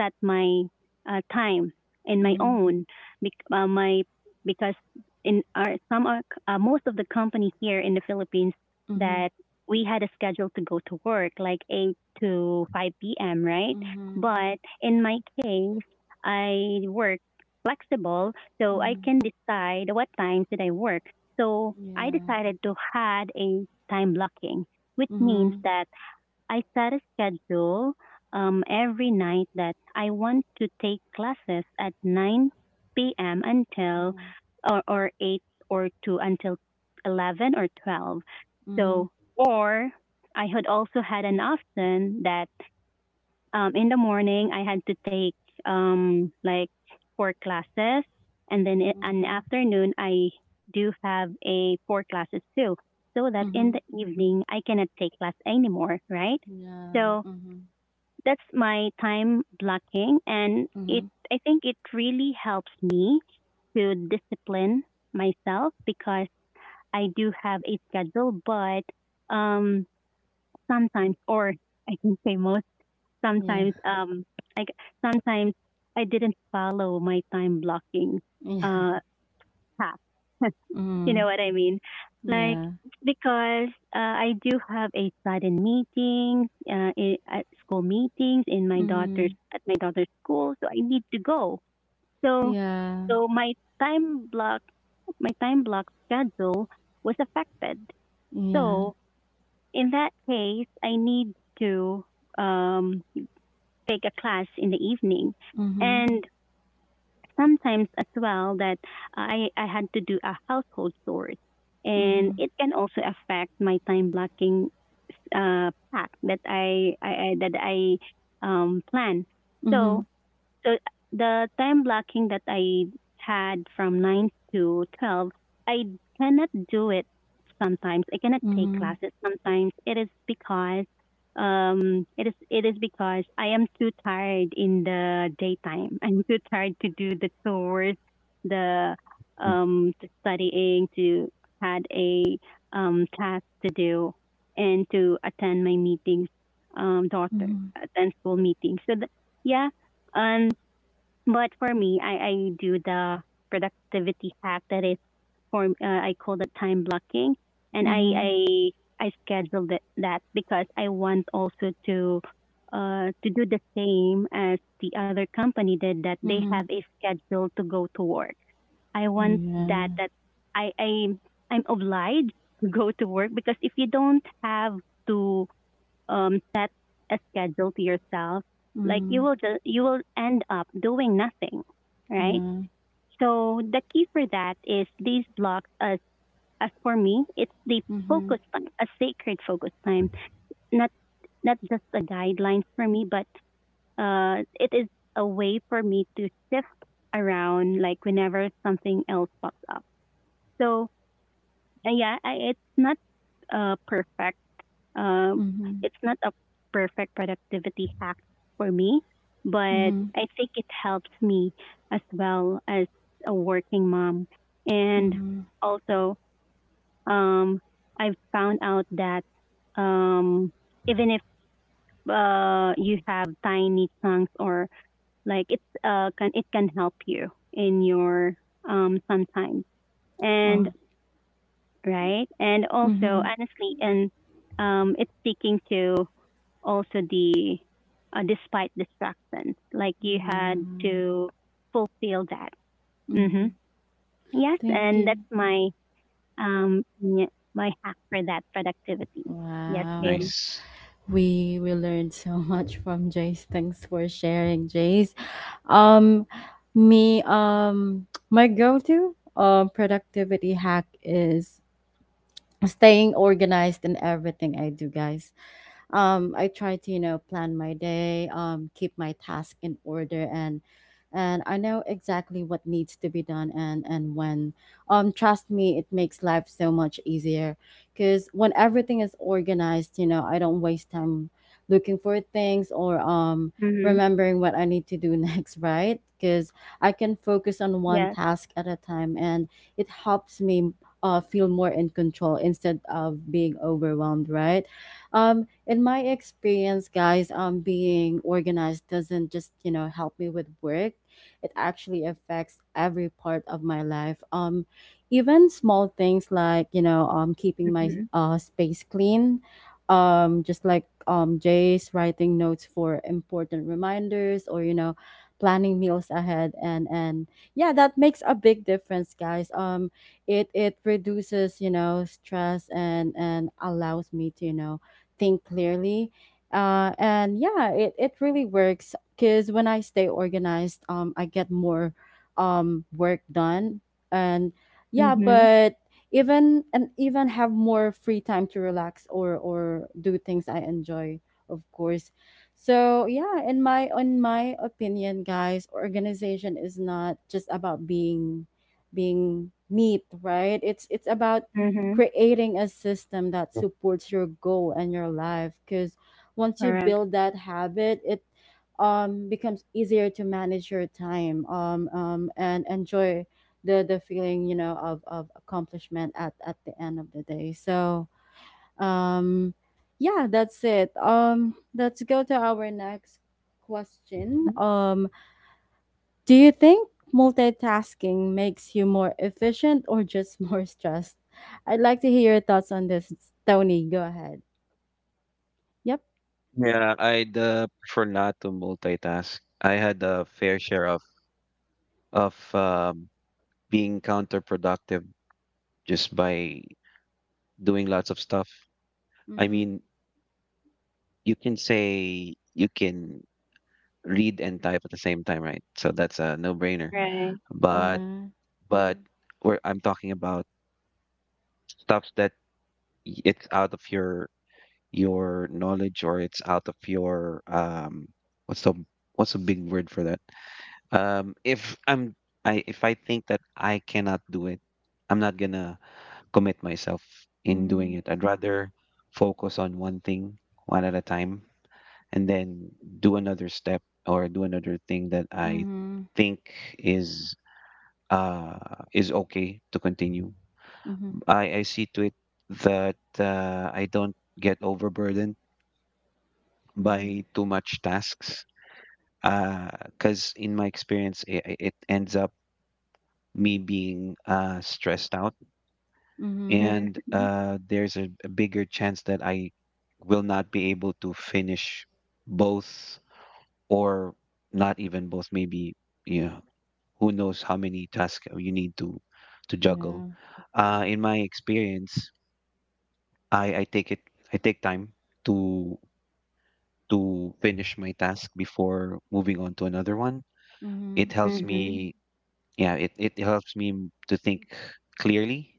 S3: set my, time in my
S1: Mm-hmm.
S3: own, bec- my because, in our some are, most of the company here in the Philippines,
S1: Mm-hmm.
S3: that we had a schedule to go to work like 8 to 5 p.m., right?
S1: Mm-hmm.
S3: But in my case I work flexible, so I
S1: Mm-hmm.
S3: can decide what times that I work. So I
S1: Yeah.
S3: decided to had a time blocking, which means
S1: Mm-hmm.
S3: that I set a schedule, every night that I want to take classes at 9 p.m. until,
S1: Mm-hmm.
S3: or 8 or 2 until 11 or 12.
S1: Mm-hmm.
S3: So, or I had also had an option that, in the morning, I had to take, like, four classes, and then in the
S1: Mm-hmm.
S3: afternoon, I do have a four classes too, so that in
S1: Mm-hmm.
S3: the evening I cannot take class anymore, right?
S1: Yeah.
S3: So
S1: Mm-hmm.
S3: that's my time blocking, and
S1: Mm-hmm.
S3: it I think it really helps me to discipline myself, because I do have a schedule, but, um, sometimes, or I can say most
S1: Yeah.
S3: sometimes, I sometimes I didn't follow my time blocking,
S1: [LAUGHS] Yeah.
S3: uh path. [LAUGHS] You
S1: Mm-hmm.
S3: know what I mean? Like,
S1: Yeah.
S3: because, I do have a sudden meeting, I at school meetings in my
S1: Mm-hmm.
S3: daughter's at my daughter's school, so I need to go. So
S1: Yeah.
S3: so my time block time block schedule was affected.
S1: Yeah.
S3: So in that case, I need to, um take a class in the evening.
S1: Mhm.
S3: And sometimes as well that I had to do a household chores. And
S1: Mhm.
S3: it can also affect my time blocking, pack that I plan. So
S1: Mhm.
S3: so the time blocking that I had from 9 to 12, I cannot do it sometimes. I cannot take
S1: Mhm.
S3: classes sometimes. It is because, I am too tired in the daytime. [LAUGHS] I'm too tired to do the chores, the
S2: Mm.
S3: to studying, to had a, task to do, and to attend my meetings, daughter
S1: Mhm.
S3: attend school meetings. So the, yeah, and but for me, I do the productivity hack that is for, I call it time blocking, and I
S1: Mhm.
S3: I I scheduled it, that because I want also to, to do the same as the other company did, that they have
S1: Mhm.
S3: a schedule to go to work. I want that
S1: Yeah.
S3: that I I I'm obliged to go to work, because if you don't have to, set a schedule to yourself, like
S1: Mm.
S3: you will end up doing nothing, right?
S1: Yeah.
S3: So the key for that is these blocks, as for me, it's the
S1: Mhm.
S3: focus time, a sacred focus time. Not not just a guideline for me, but, it is a way for me to shift around, like whenever something else pops up. So, yeah, it's not, perfect. Um,
S1: Mhm.
S3: it's not a perfect productivity hack for me, but
S1: Mhm.
S3: I think it helps me as well as a working mom. And
S1: Mhm.
S3: also, um, I've found out that, um, even if, you have tiny chunks, or like, it can help you in your, sometimes. And,
S1: Oh.
S3: right, and also,
S1: Mhm.
S3: honestly, and, it's speaking to also the, despite distractions. Like, you
S1: Yeah.
S3: had to fulfill that. hmm
S1: Mhm.
S3: Yes,
S1: Thank
S3: and
S1: you.
S3: that's my, um y- my hack for that productivity. Yes,
S1: Wow.
S3: Jane.
S2: Nice.
S1: We learned so [LAUGHS] much from Jace. Thanks for sharing, Jace. Um, me [TSK] my go-to productivity hack is staying organized in everything I do, guys. I try to, you know, plan my day, keep my task in order and I know exactly what needs to be done and when. Trust me, it makes life so much easier because when everything is organized, you know, I don't waste time looking for things or
S3: Mm-hmm.
S1: remembering what I need to do [LAUGHS] next, right? Because I can focus on one
S3: Yes.
S1: task at a time and it helps me feel more in control instead of being overwhelmed, right? In my experience, guys, being organized doesn't just you know help me with work; it actually affects every part of my life. Even small things like you know keeping my
S3: Mm-hmm.
S1: space clean, just like Jay's writing notes for important reminders, or you know planning meals ahead and yeah that makes a big difference guys it it reduces you know stress and allows me to you know think clearly and yeah it really works because when I stay organized I get more work done and yeah
S3: Mm-hmm.
S1: but even and even have more free time to relax or do things I enjoy of course so yeah in my opinion guys organization is not just about being being neat, right? It's about
S3: Mm-hmm.
S1: creating a system that supports your goal and your life because once you
S3: Correct.
S1: build that habit, it becomes easier to manage your time and enjoy the feeling, you know, of accomplishment at the end of the day. So, um yeah, that's it. Let's go to our next question.
S3: Hmm.
S1: Do you think multitasking makes you more efficient or just [LAUGHS] more stressed? I'd like to hear your thoughts on this, Tony. Go ahead. Yep.
S2: Yeah, I'd prefer not to multitask. I had a fair share of of um, being counterproductive just by doing lots of stuff. I
S1: Mm-hmm.
S2: mean, you can say you can read and type at the same time, right? So that's a no-brainer.
S3: Right.
S2: But
S1: Yeah.
S2: but where I'm talking about stuff that it's out of your knowledge, or it's out of your what's the what's a big word for that? If I'm I if I think that I cannot do it, I'm not gonna commit myself in doing
S1: Mm-hmm.
S2: it. I'd rather focus on one thing one at a time and then do another step or do another thing that I
S1: Mm-hmm.
S2: think is uh is okay to continue.
S1: Mm-hmm.
S2: I see to it that I don't get overburdened
S1: Mm-hmm.
S2: by too much tasks. Because in my experience, it ends up me being stressed out,
S1: Mm-hmm.
S2: and
S3: Mm-hmm.
S2: there's a bigger chance that I will not be able to finish both, or not even both, maybe you know, who knows how many tasks you need to juggle.
S1: Yeah.
S2: In my experience, I, I take it I take time to to finish my task before moving on to another one.
S1: Mm-hmm.
S2: It helps
S3: Mm-hmm.
S2: me, yeah, it helps me to think clearly.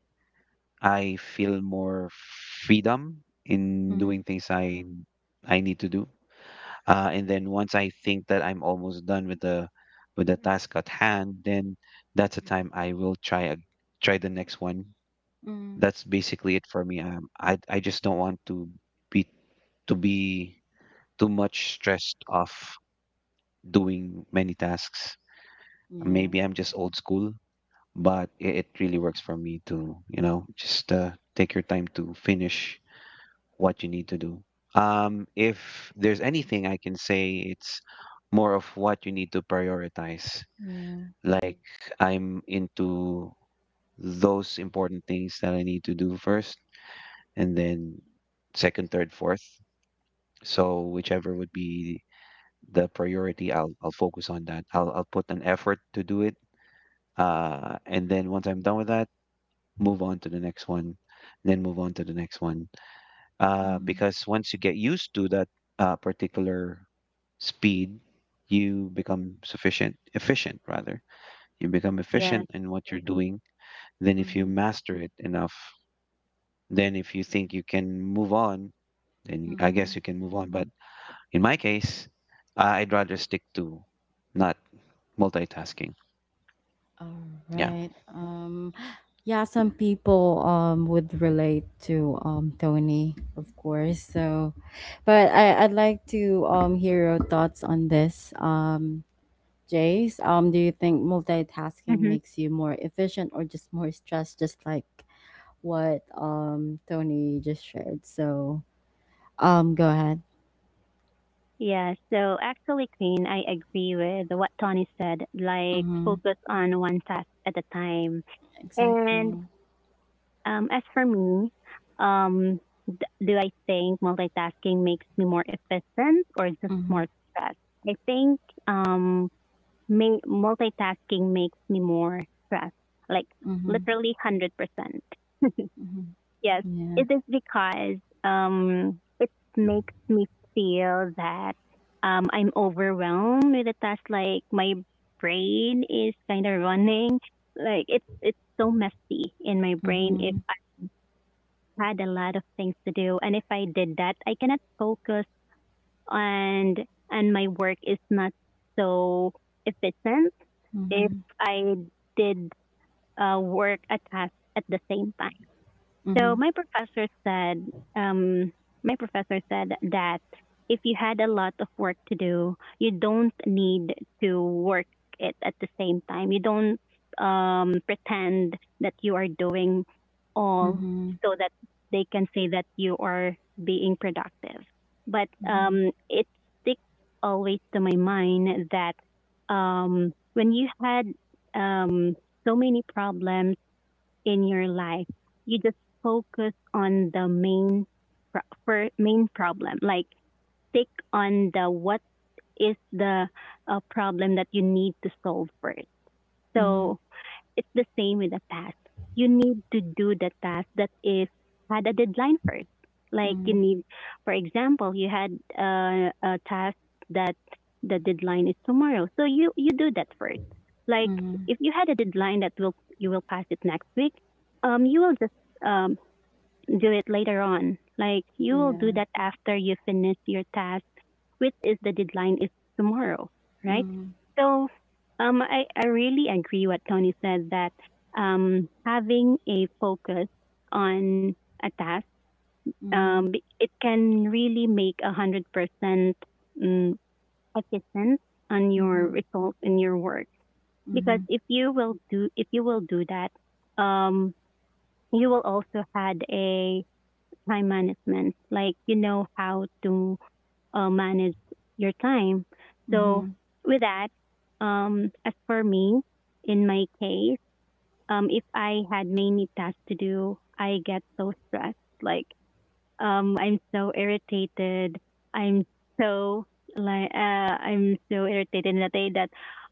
S2: I feel more freedom in
S1: Mm-hmm.
S2: doing things I need to do. And then once I think that I'm almost done with the task at hand, then that's the time I will try the next one.
S1: Mm-hmm.
S2: That's basically it for me. I just don't want be to be too much stressed off doing many tasks.
S1: Yeah.
S2: Maybe I'm just old school, but it really works for me to, you know, just take your time to finish what you need to do. If there's anything I can say, it's more of what you need to prioritize.
S1: Yeah.
S2: Like I'm into those important things that I need to do first, and then second, third, fourth. So whichever would be the priority, I'll focus on that. I'll put an effort to do it. And then once I'm done with that, move on to the next one, and then move on to the next one.
S1: Mm-hmm.
S2: Because once you get used to that particular speed, you become efficient rather. You become efficient
S3: Yes.
S2: in what you're doing. Then, if you
S1: Mm-hmm.
S2: master it enough, then if you think you can move on, then I
S1: Mm-hmm.
S2: guess you can move on. But in my case, I'd rather stick to not multitasking.
S1: All
S2: Yeah.
S1: right. Yeah, some people would relate to Tony, of course. So, but I I'd like to hear your thoughts on this. Jace, do you think multitasking
S3: Mm-hmm.
S1: makes you more efficient or just more stressed, just like what Tony just shared? So, go ahead.
S3: Yeah, so actually, Queen, I agree with what Tony said, like
S1: Mm-hmm.
S3: focus on one task at a time. And,
S1: Exactly.
S3: As for me, um, do I think multitasking makes me more efficient or just
S1: Mm-hmm.
S3: more stressed? I think, um, multitasking makes me more stressed, like
S1: Mm-hmm.
S3: literally 100%.
S1: Mm-hmm.
S3: Yes,
S1: Yeah.
S3: it is because, it makes me feel that, I'm overwhelmed with the task, like my brain is kind of running. Like, it's so messy in my brain if
S1: Mm-hmm.
S3: had a lot of things to do. And if I did that, I cannot focus, and and my work is not so efficient if
S1: Mm-hmm.
S3: I did, work a task at the same time.
S1: Mm-hmm.
S3: So um, my professor said that if you had a lot of work to do, you don't need to work it at the same time. You don't, pretend that you are doing all,
S1: Mm-hmm.
S3: so that they can say that you are being productive. But,
S1: Mhm,
S3: it sticks always to my mind that, when you had, um, so many problems in your life, you just focus on the main problem. Like, stick on the what is the, problem that you need to solve first.
S1: mhm,
S3: So it's the same with a task. You need to do the task that is had a deadline first. Like
S1: mhm,
S3: for example, you had, a task that the deadline is tomorrow, so you do that first. Like,
S1: mhm.
S3: if you had a deadline that will you will pass it next week, you will just, um do it later on. Like, you will do
S1: Yeah.
S3: that after you finish your task quit is the deadline is tomorrow, right?
S1: Mhm,
S3: So, I really agree what Tony said that, having a focus on a task,
S1: mhm,
S3: um, it can really make 100%, mm, efficient on your
S1: mhm,
S3: results in your work. Because
S1: mhm,
S3: if you will do that, um, you will also had a time management, like you know how to, manage your time. So
S1: mhm,
S3: with that, as for me, in my case, if I had many tasks to do, I get so stressed. Like, I'm so irritated. I'm so I'm so irritated in the day that,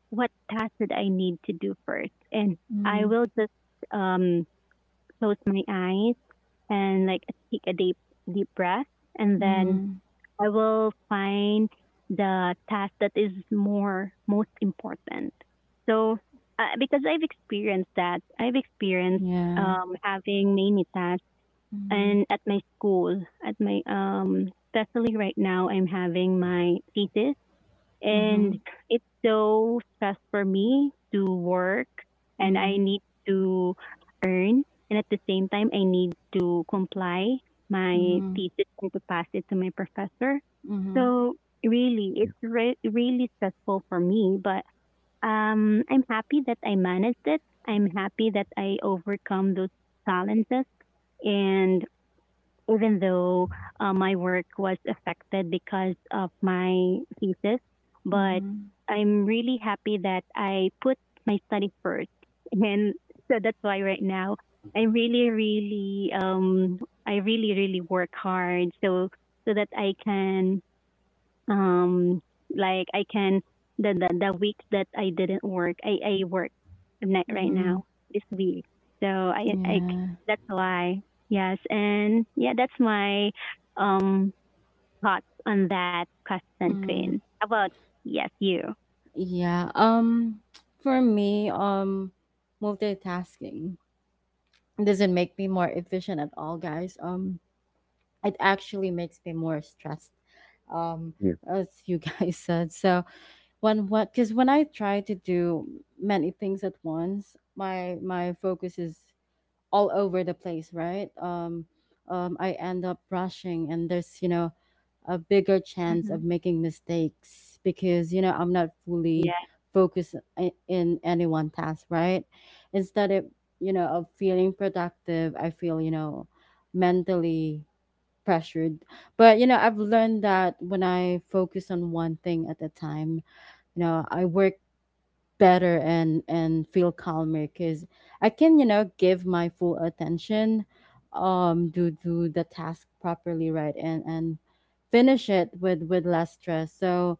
S3: what task did I need to do first? And I
S1: mhm,
S3: will just, um close my eyes, and like take a deep deep breath, and then
S1: mhm.
S3: I will find the task that is more most important. So, because I've experienced that, I've experienced,
S1: Yeah.
S3: having many tasks,
S1: Mhm,
S3: and at my school, at my, especially right now, I'm having my thesis, and
S1: mhm,
S3: it's so stressful for me to work, and I
S1: mhm,
S3: need to earn, and at the same time, I need to comply my
S1: mhm,
S3: thesis and to pass it to my professor.
S1: mhm,
S3: So really,
S2: Yeah,
S3: it's really stressful for me, but, I'm happy that I managed it. I'm happy that I overcome those challenges. And even though, my work was affected because of my thesis, but
S1: mhm,
S3: I'm really happy that I put my study first. And so that's why right now, I really, really, um, I really, really work hard, so that I can, um, like I can the week that I didn't work, I right
S1: mhm.
S3: now this week. So I I c-
S1: Yeah.
S3: that's why, yes, and yeah, that's my, um thoughts on that question, Queen.
S1: Mhm.
S3: How about, yes, you?
S1: Yeah. For me, multitasking doesn't make me more efficient at all, guys. It actually makes me more stressed. Um,
S2: yeah.
S1: as you [LAUGHS] guys said. So, when what because when I try to do many things at once my my focus is all over the place right I end up rushing and there's you know a bigger chance
S3: Mm-hmm.
S1: of making mistakes because you know I'm not fully
S3: Yeah.
S1: focused in any one task right instead of you know of feeling productive I feel you know mentally pressured but you know I've learned that when I focus on one thing at a time you know, I work better and feel calmer because I can you know give my full attention do do the task properly right and finish it with less stress so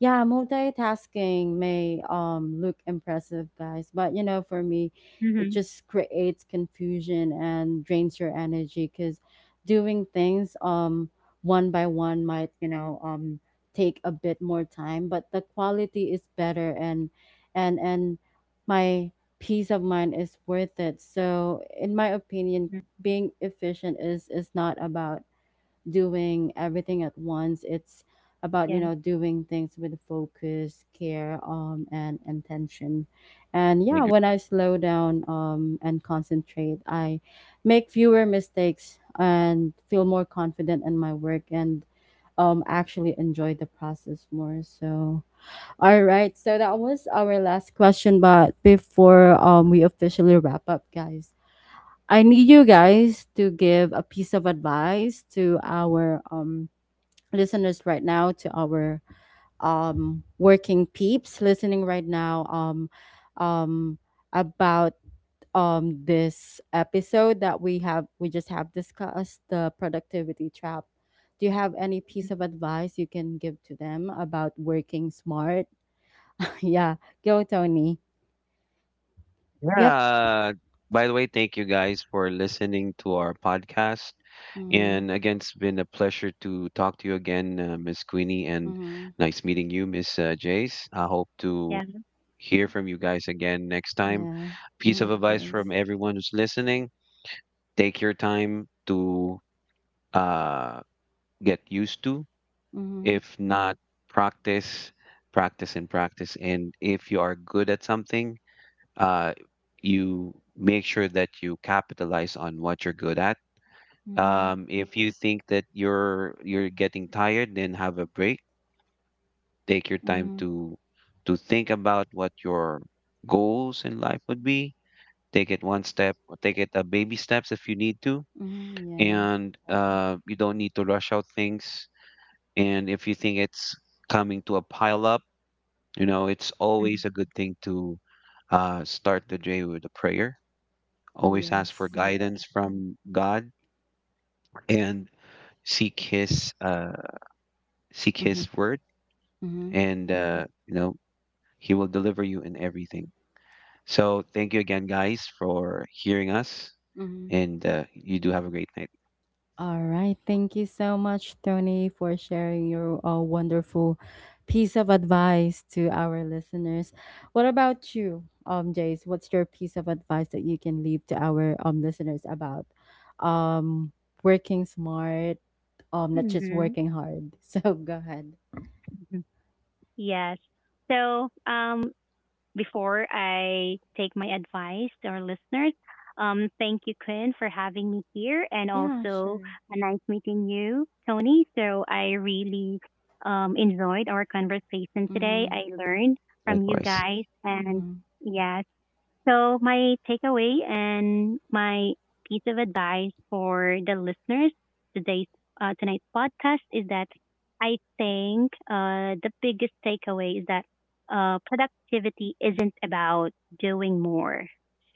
S1: yeah multitasking may look impressive guys but you know for me it
S3: Mm-hmm.
S1: just creates confusion and drains your energy because doing things one by one might you know take a bit more time but the quality is better and my peace of mind is worth it. So in my opinion,
S3: Hmm.
S1: being efficient is not about doing everything at once. It's about you
S3: Yes.
S1: know doing things with focus, care, and intention. And
S2: I
S1: yeah,
S2: agree.
S1: when I slow down and concentrate, I make fewer mistakes and feel more confident in my work and actually enjoy the process more. So all right. So that was our last question, but before we officially wrap up, guys, I need you guys to give a piece of advice to our listeners right now, to our working peeps listening right now um about this episode that we have we just have discussed the productivity trap. Do you have any piece of
S3: Mhm.
S1: advice you can give to them about working smart? [LAUGHS] Yeah, go Tony. Yep.
S2: Yeah. By the way, thank you guys for listening to our podcast.
S1: Mhm.
S2: And again, it's been a pleasure to talk to you again, Miss Queenie, and
S1: Mhm.
S2: nice meeting you, Miss Jace. I hope to
S3: Yeah.
S2: hear from you guys again next time.
S1: Yeah.
S2: Piece
S1: Mhm,
S2: of
S1: of
S2: advice from
S1: course.
S2: everyone who's listening: take your time to uh, get used to.
S1: Mhm.
S2: If not, practice, practice, and practice. And if you are good at something, uh, you make sure that you capitalize on what you're good at.
S1: Mhm.
S2: If you think that you're getting tired, then have a break. Take your time
S1: Mhm.
S2: to think about what your goals in life would be. Take it one step, or take it a baby steps if you need to,
S1: Mhm. Yeah.
S2: and you don't need to rush out things. And if you think it's coming to a pile up, you know it's always a
S3: Mm-hmm.
S2: good thing to start the day with a prayer, always ask for
S1: Yes.
S2: guidance from God, and seek his uh seek his
S1: Mhm.
S2: word,
S1: Mhm.
S2: and you know he will deliver you in everything. So thank you again guys for hearing us,
S1: Mhm.
S2: and you do have a great night.
S1: All right. Thank you so much, Tony, for sharing your wonderful piece of advice to our listeners. What about you, Jace? What's your piece of advice that you can leave to our listeners about um working smart, not just
S3: Mm-hmm.
S1: working hard? [LAUGHS] So go ahead.
S3: Yes. So, before I take my advice to our listeners, thank you, Quinn, for having me here, and
S1: Yeah,
S3: also,
S1: sure.
S3: a nice meeting you, Tony. So I really, enjoyed our conversation today.
S1: Mm-hmm.
S3: I learned from you
S2: Likewise.
S3: guys, and
S1: Mm-hmm.
S3: yes, so, my takeaway and my piece of advice for the listeners today's tonight's podcast is that, I think, the biggest takeaway is that, productivity isn't about doing more.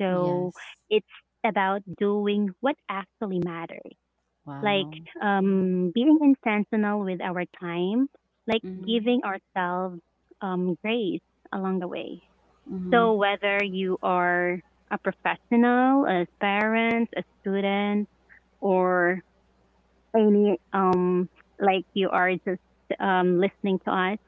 S3: So,
S1: Yes.
S3: it's about doing what actually matters, like,
S1: Wow. Mm-hmm.
S3: being intentional with our time, like
S1: Mm-hmm.
S3: giving ourselves, grace along the way.
S1: Mm-hmm.
S3: So whether you are a professional, as parents, a student, or any, like you are just, listening to us,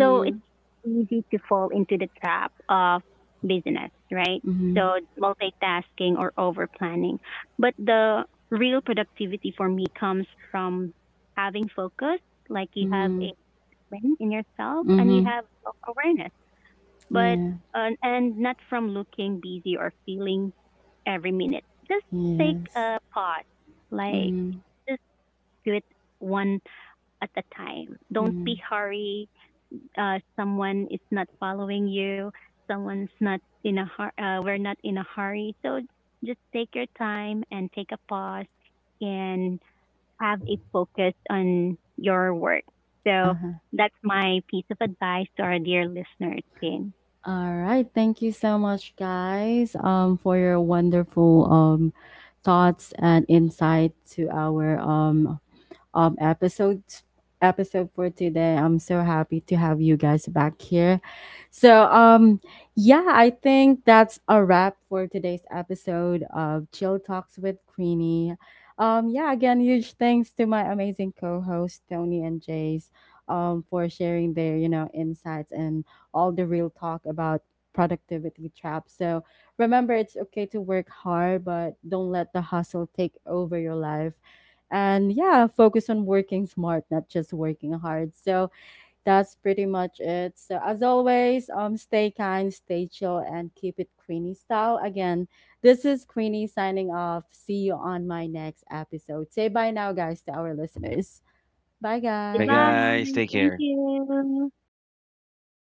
S3: so it's easy to fall into the trap of business, right?
S1: Mm-hmm.
S3: So, multitasking or over planning. But the real productivity for me comes from having focus, like you have
S1: Mm-hmm.
S3: a win in yourself and you
S1: Mm-hmm.
S3: have self awareness, but
S1: Yeah.
S3: and not from looking busy or feeling every minute. Just take
S1: Yes.
S3: a pause, like
S1: Mm,
S3: just do it one at a time. Don't be
S1: mm,
S3: hurry. Someone is not following you. Someone's not in a hur- We're not in a hurry. So just take your time and take a pause and have a focus on your work. So
S1: uh-huh.
S3: that's my piece of advice to our dear listeners, Ken.
S1: All right. Thank you so much, guys, for your wonderful thoughts and insight to our um episode episode for today. I'm so happy to have you guys back here. So yeah, I think that's a wrap for today's episode of Chill Talks with Queenie. Yeah, again, huge thanks to my amazing co-hosts Tony and Jace for sharing their, you know, insights and all the real talk about productivity traps. So remember it's okay to work hard, but don't let the hustle take over your life and yeah, focus on working smart, not just working hard. So that's pretty much it. So as always, stay kind, stay chill, and keep it Queenie style. Again, this is Queenie signing off. See you on my next episode. Say bye now, guys, to our listeners. Bye,
S2: Bye
S3: Goodbye.
S1: guys.
S2: guys, take
S3: Thank
S2: care.
S3: you. See
S2: Thank
S3: ya.
S2: you.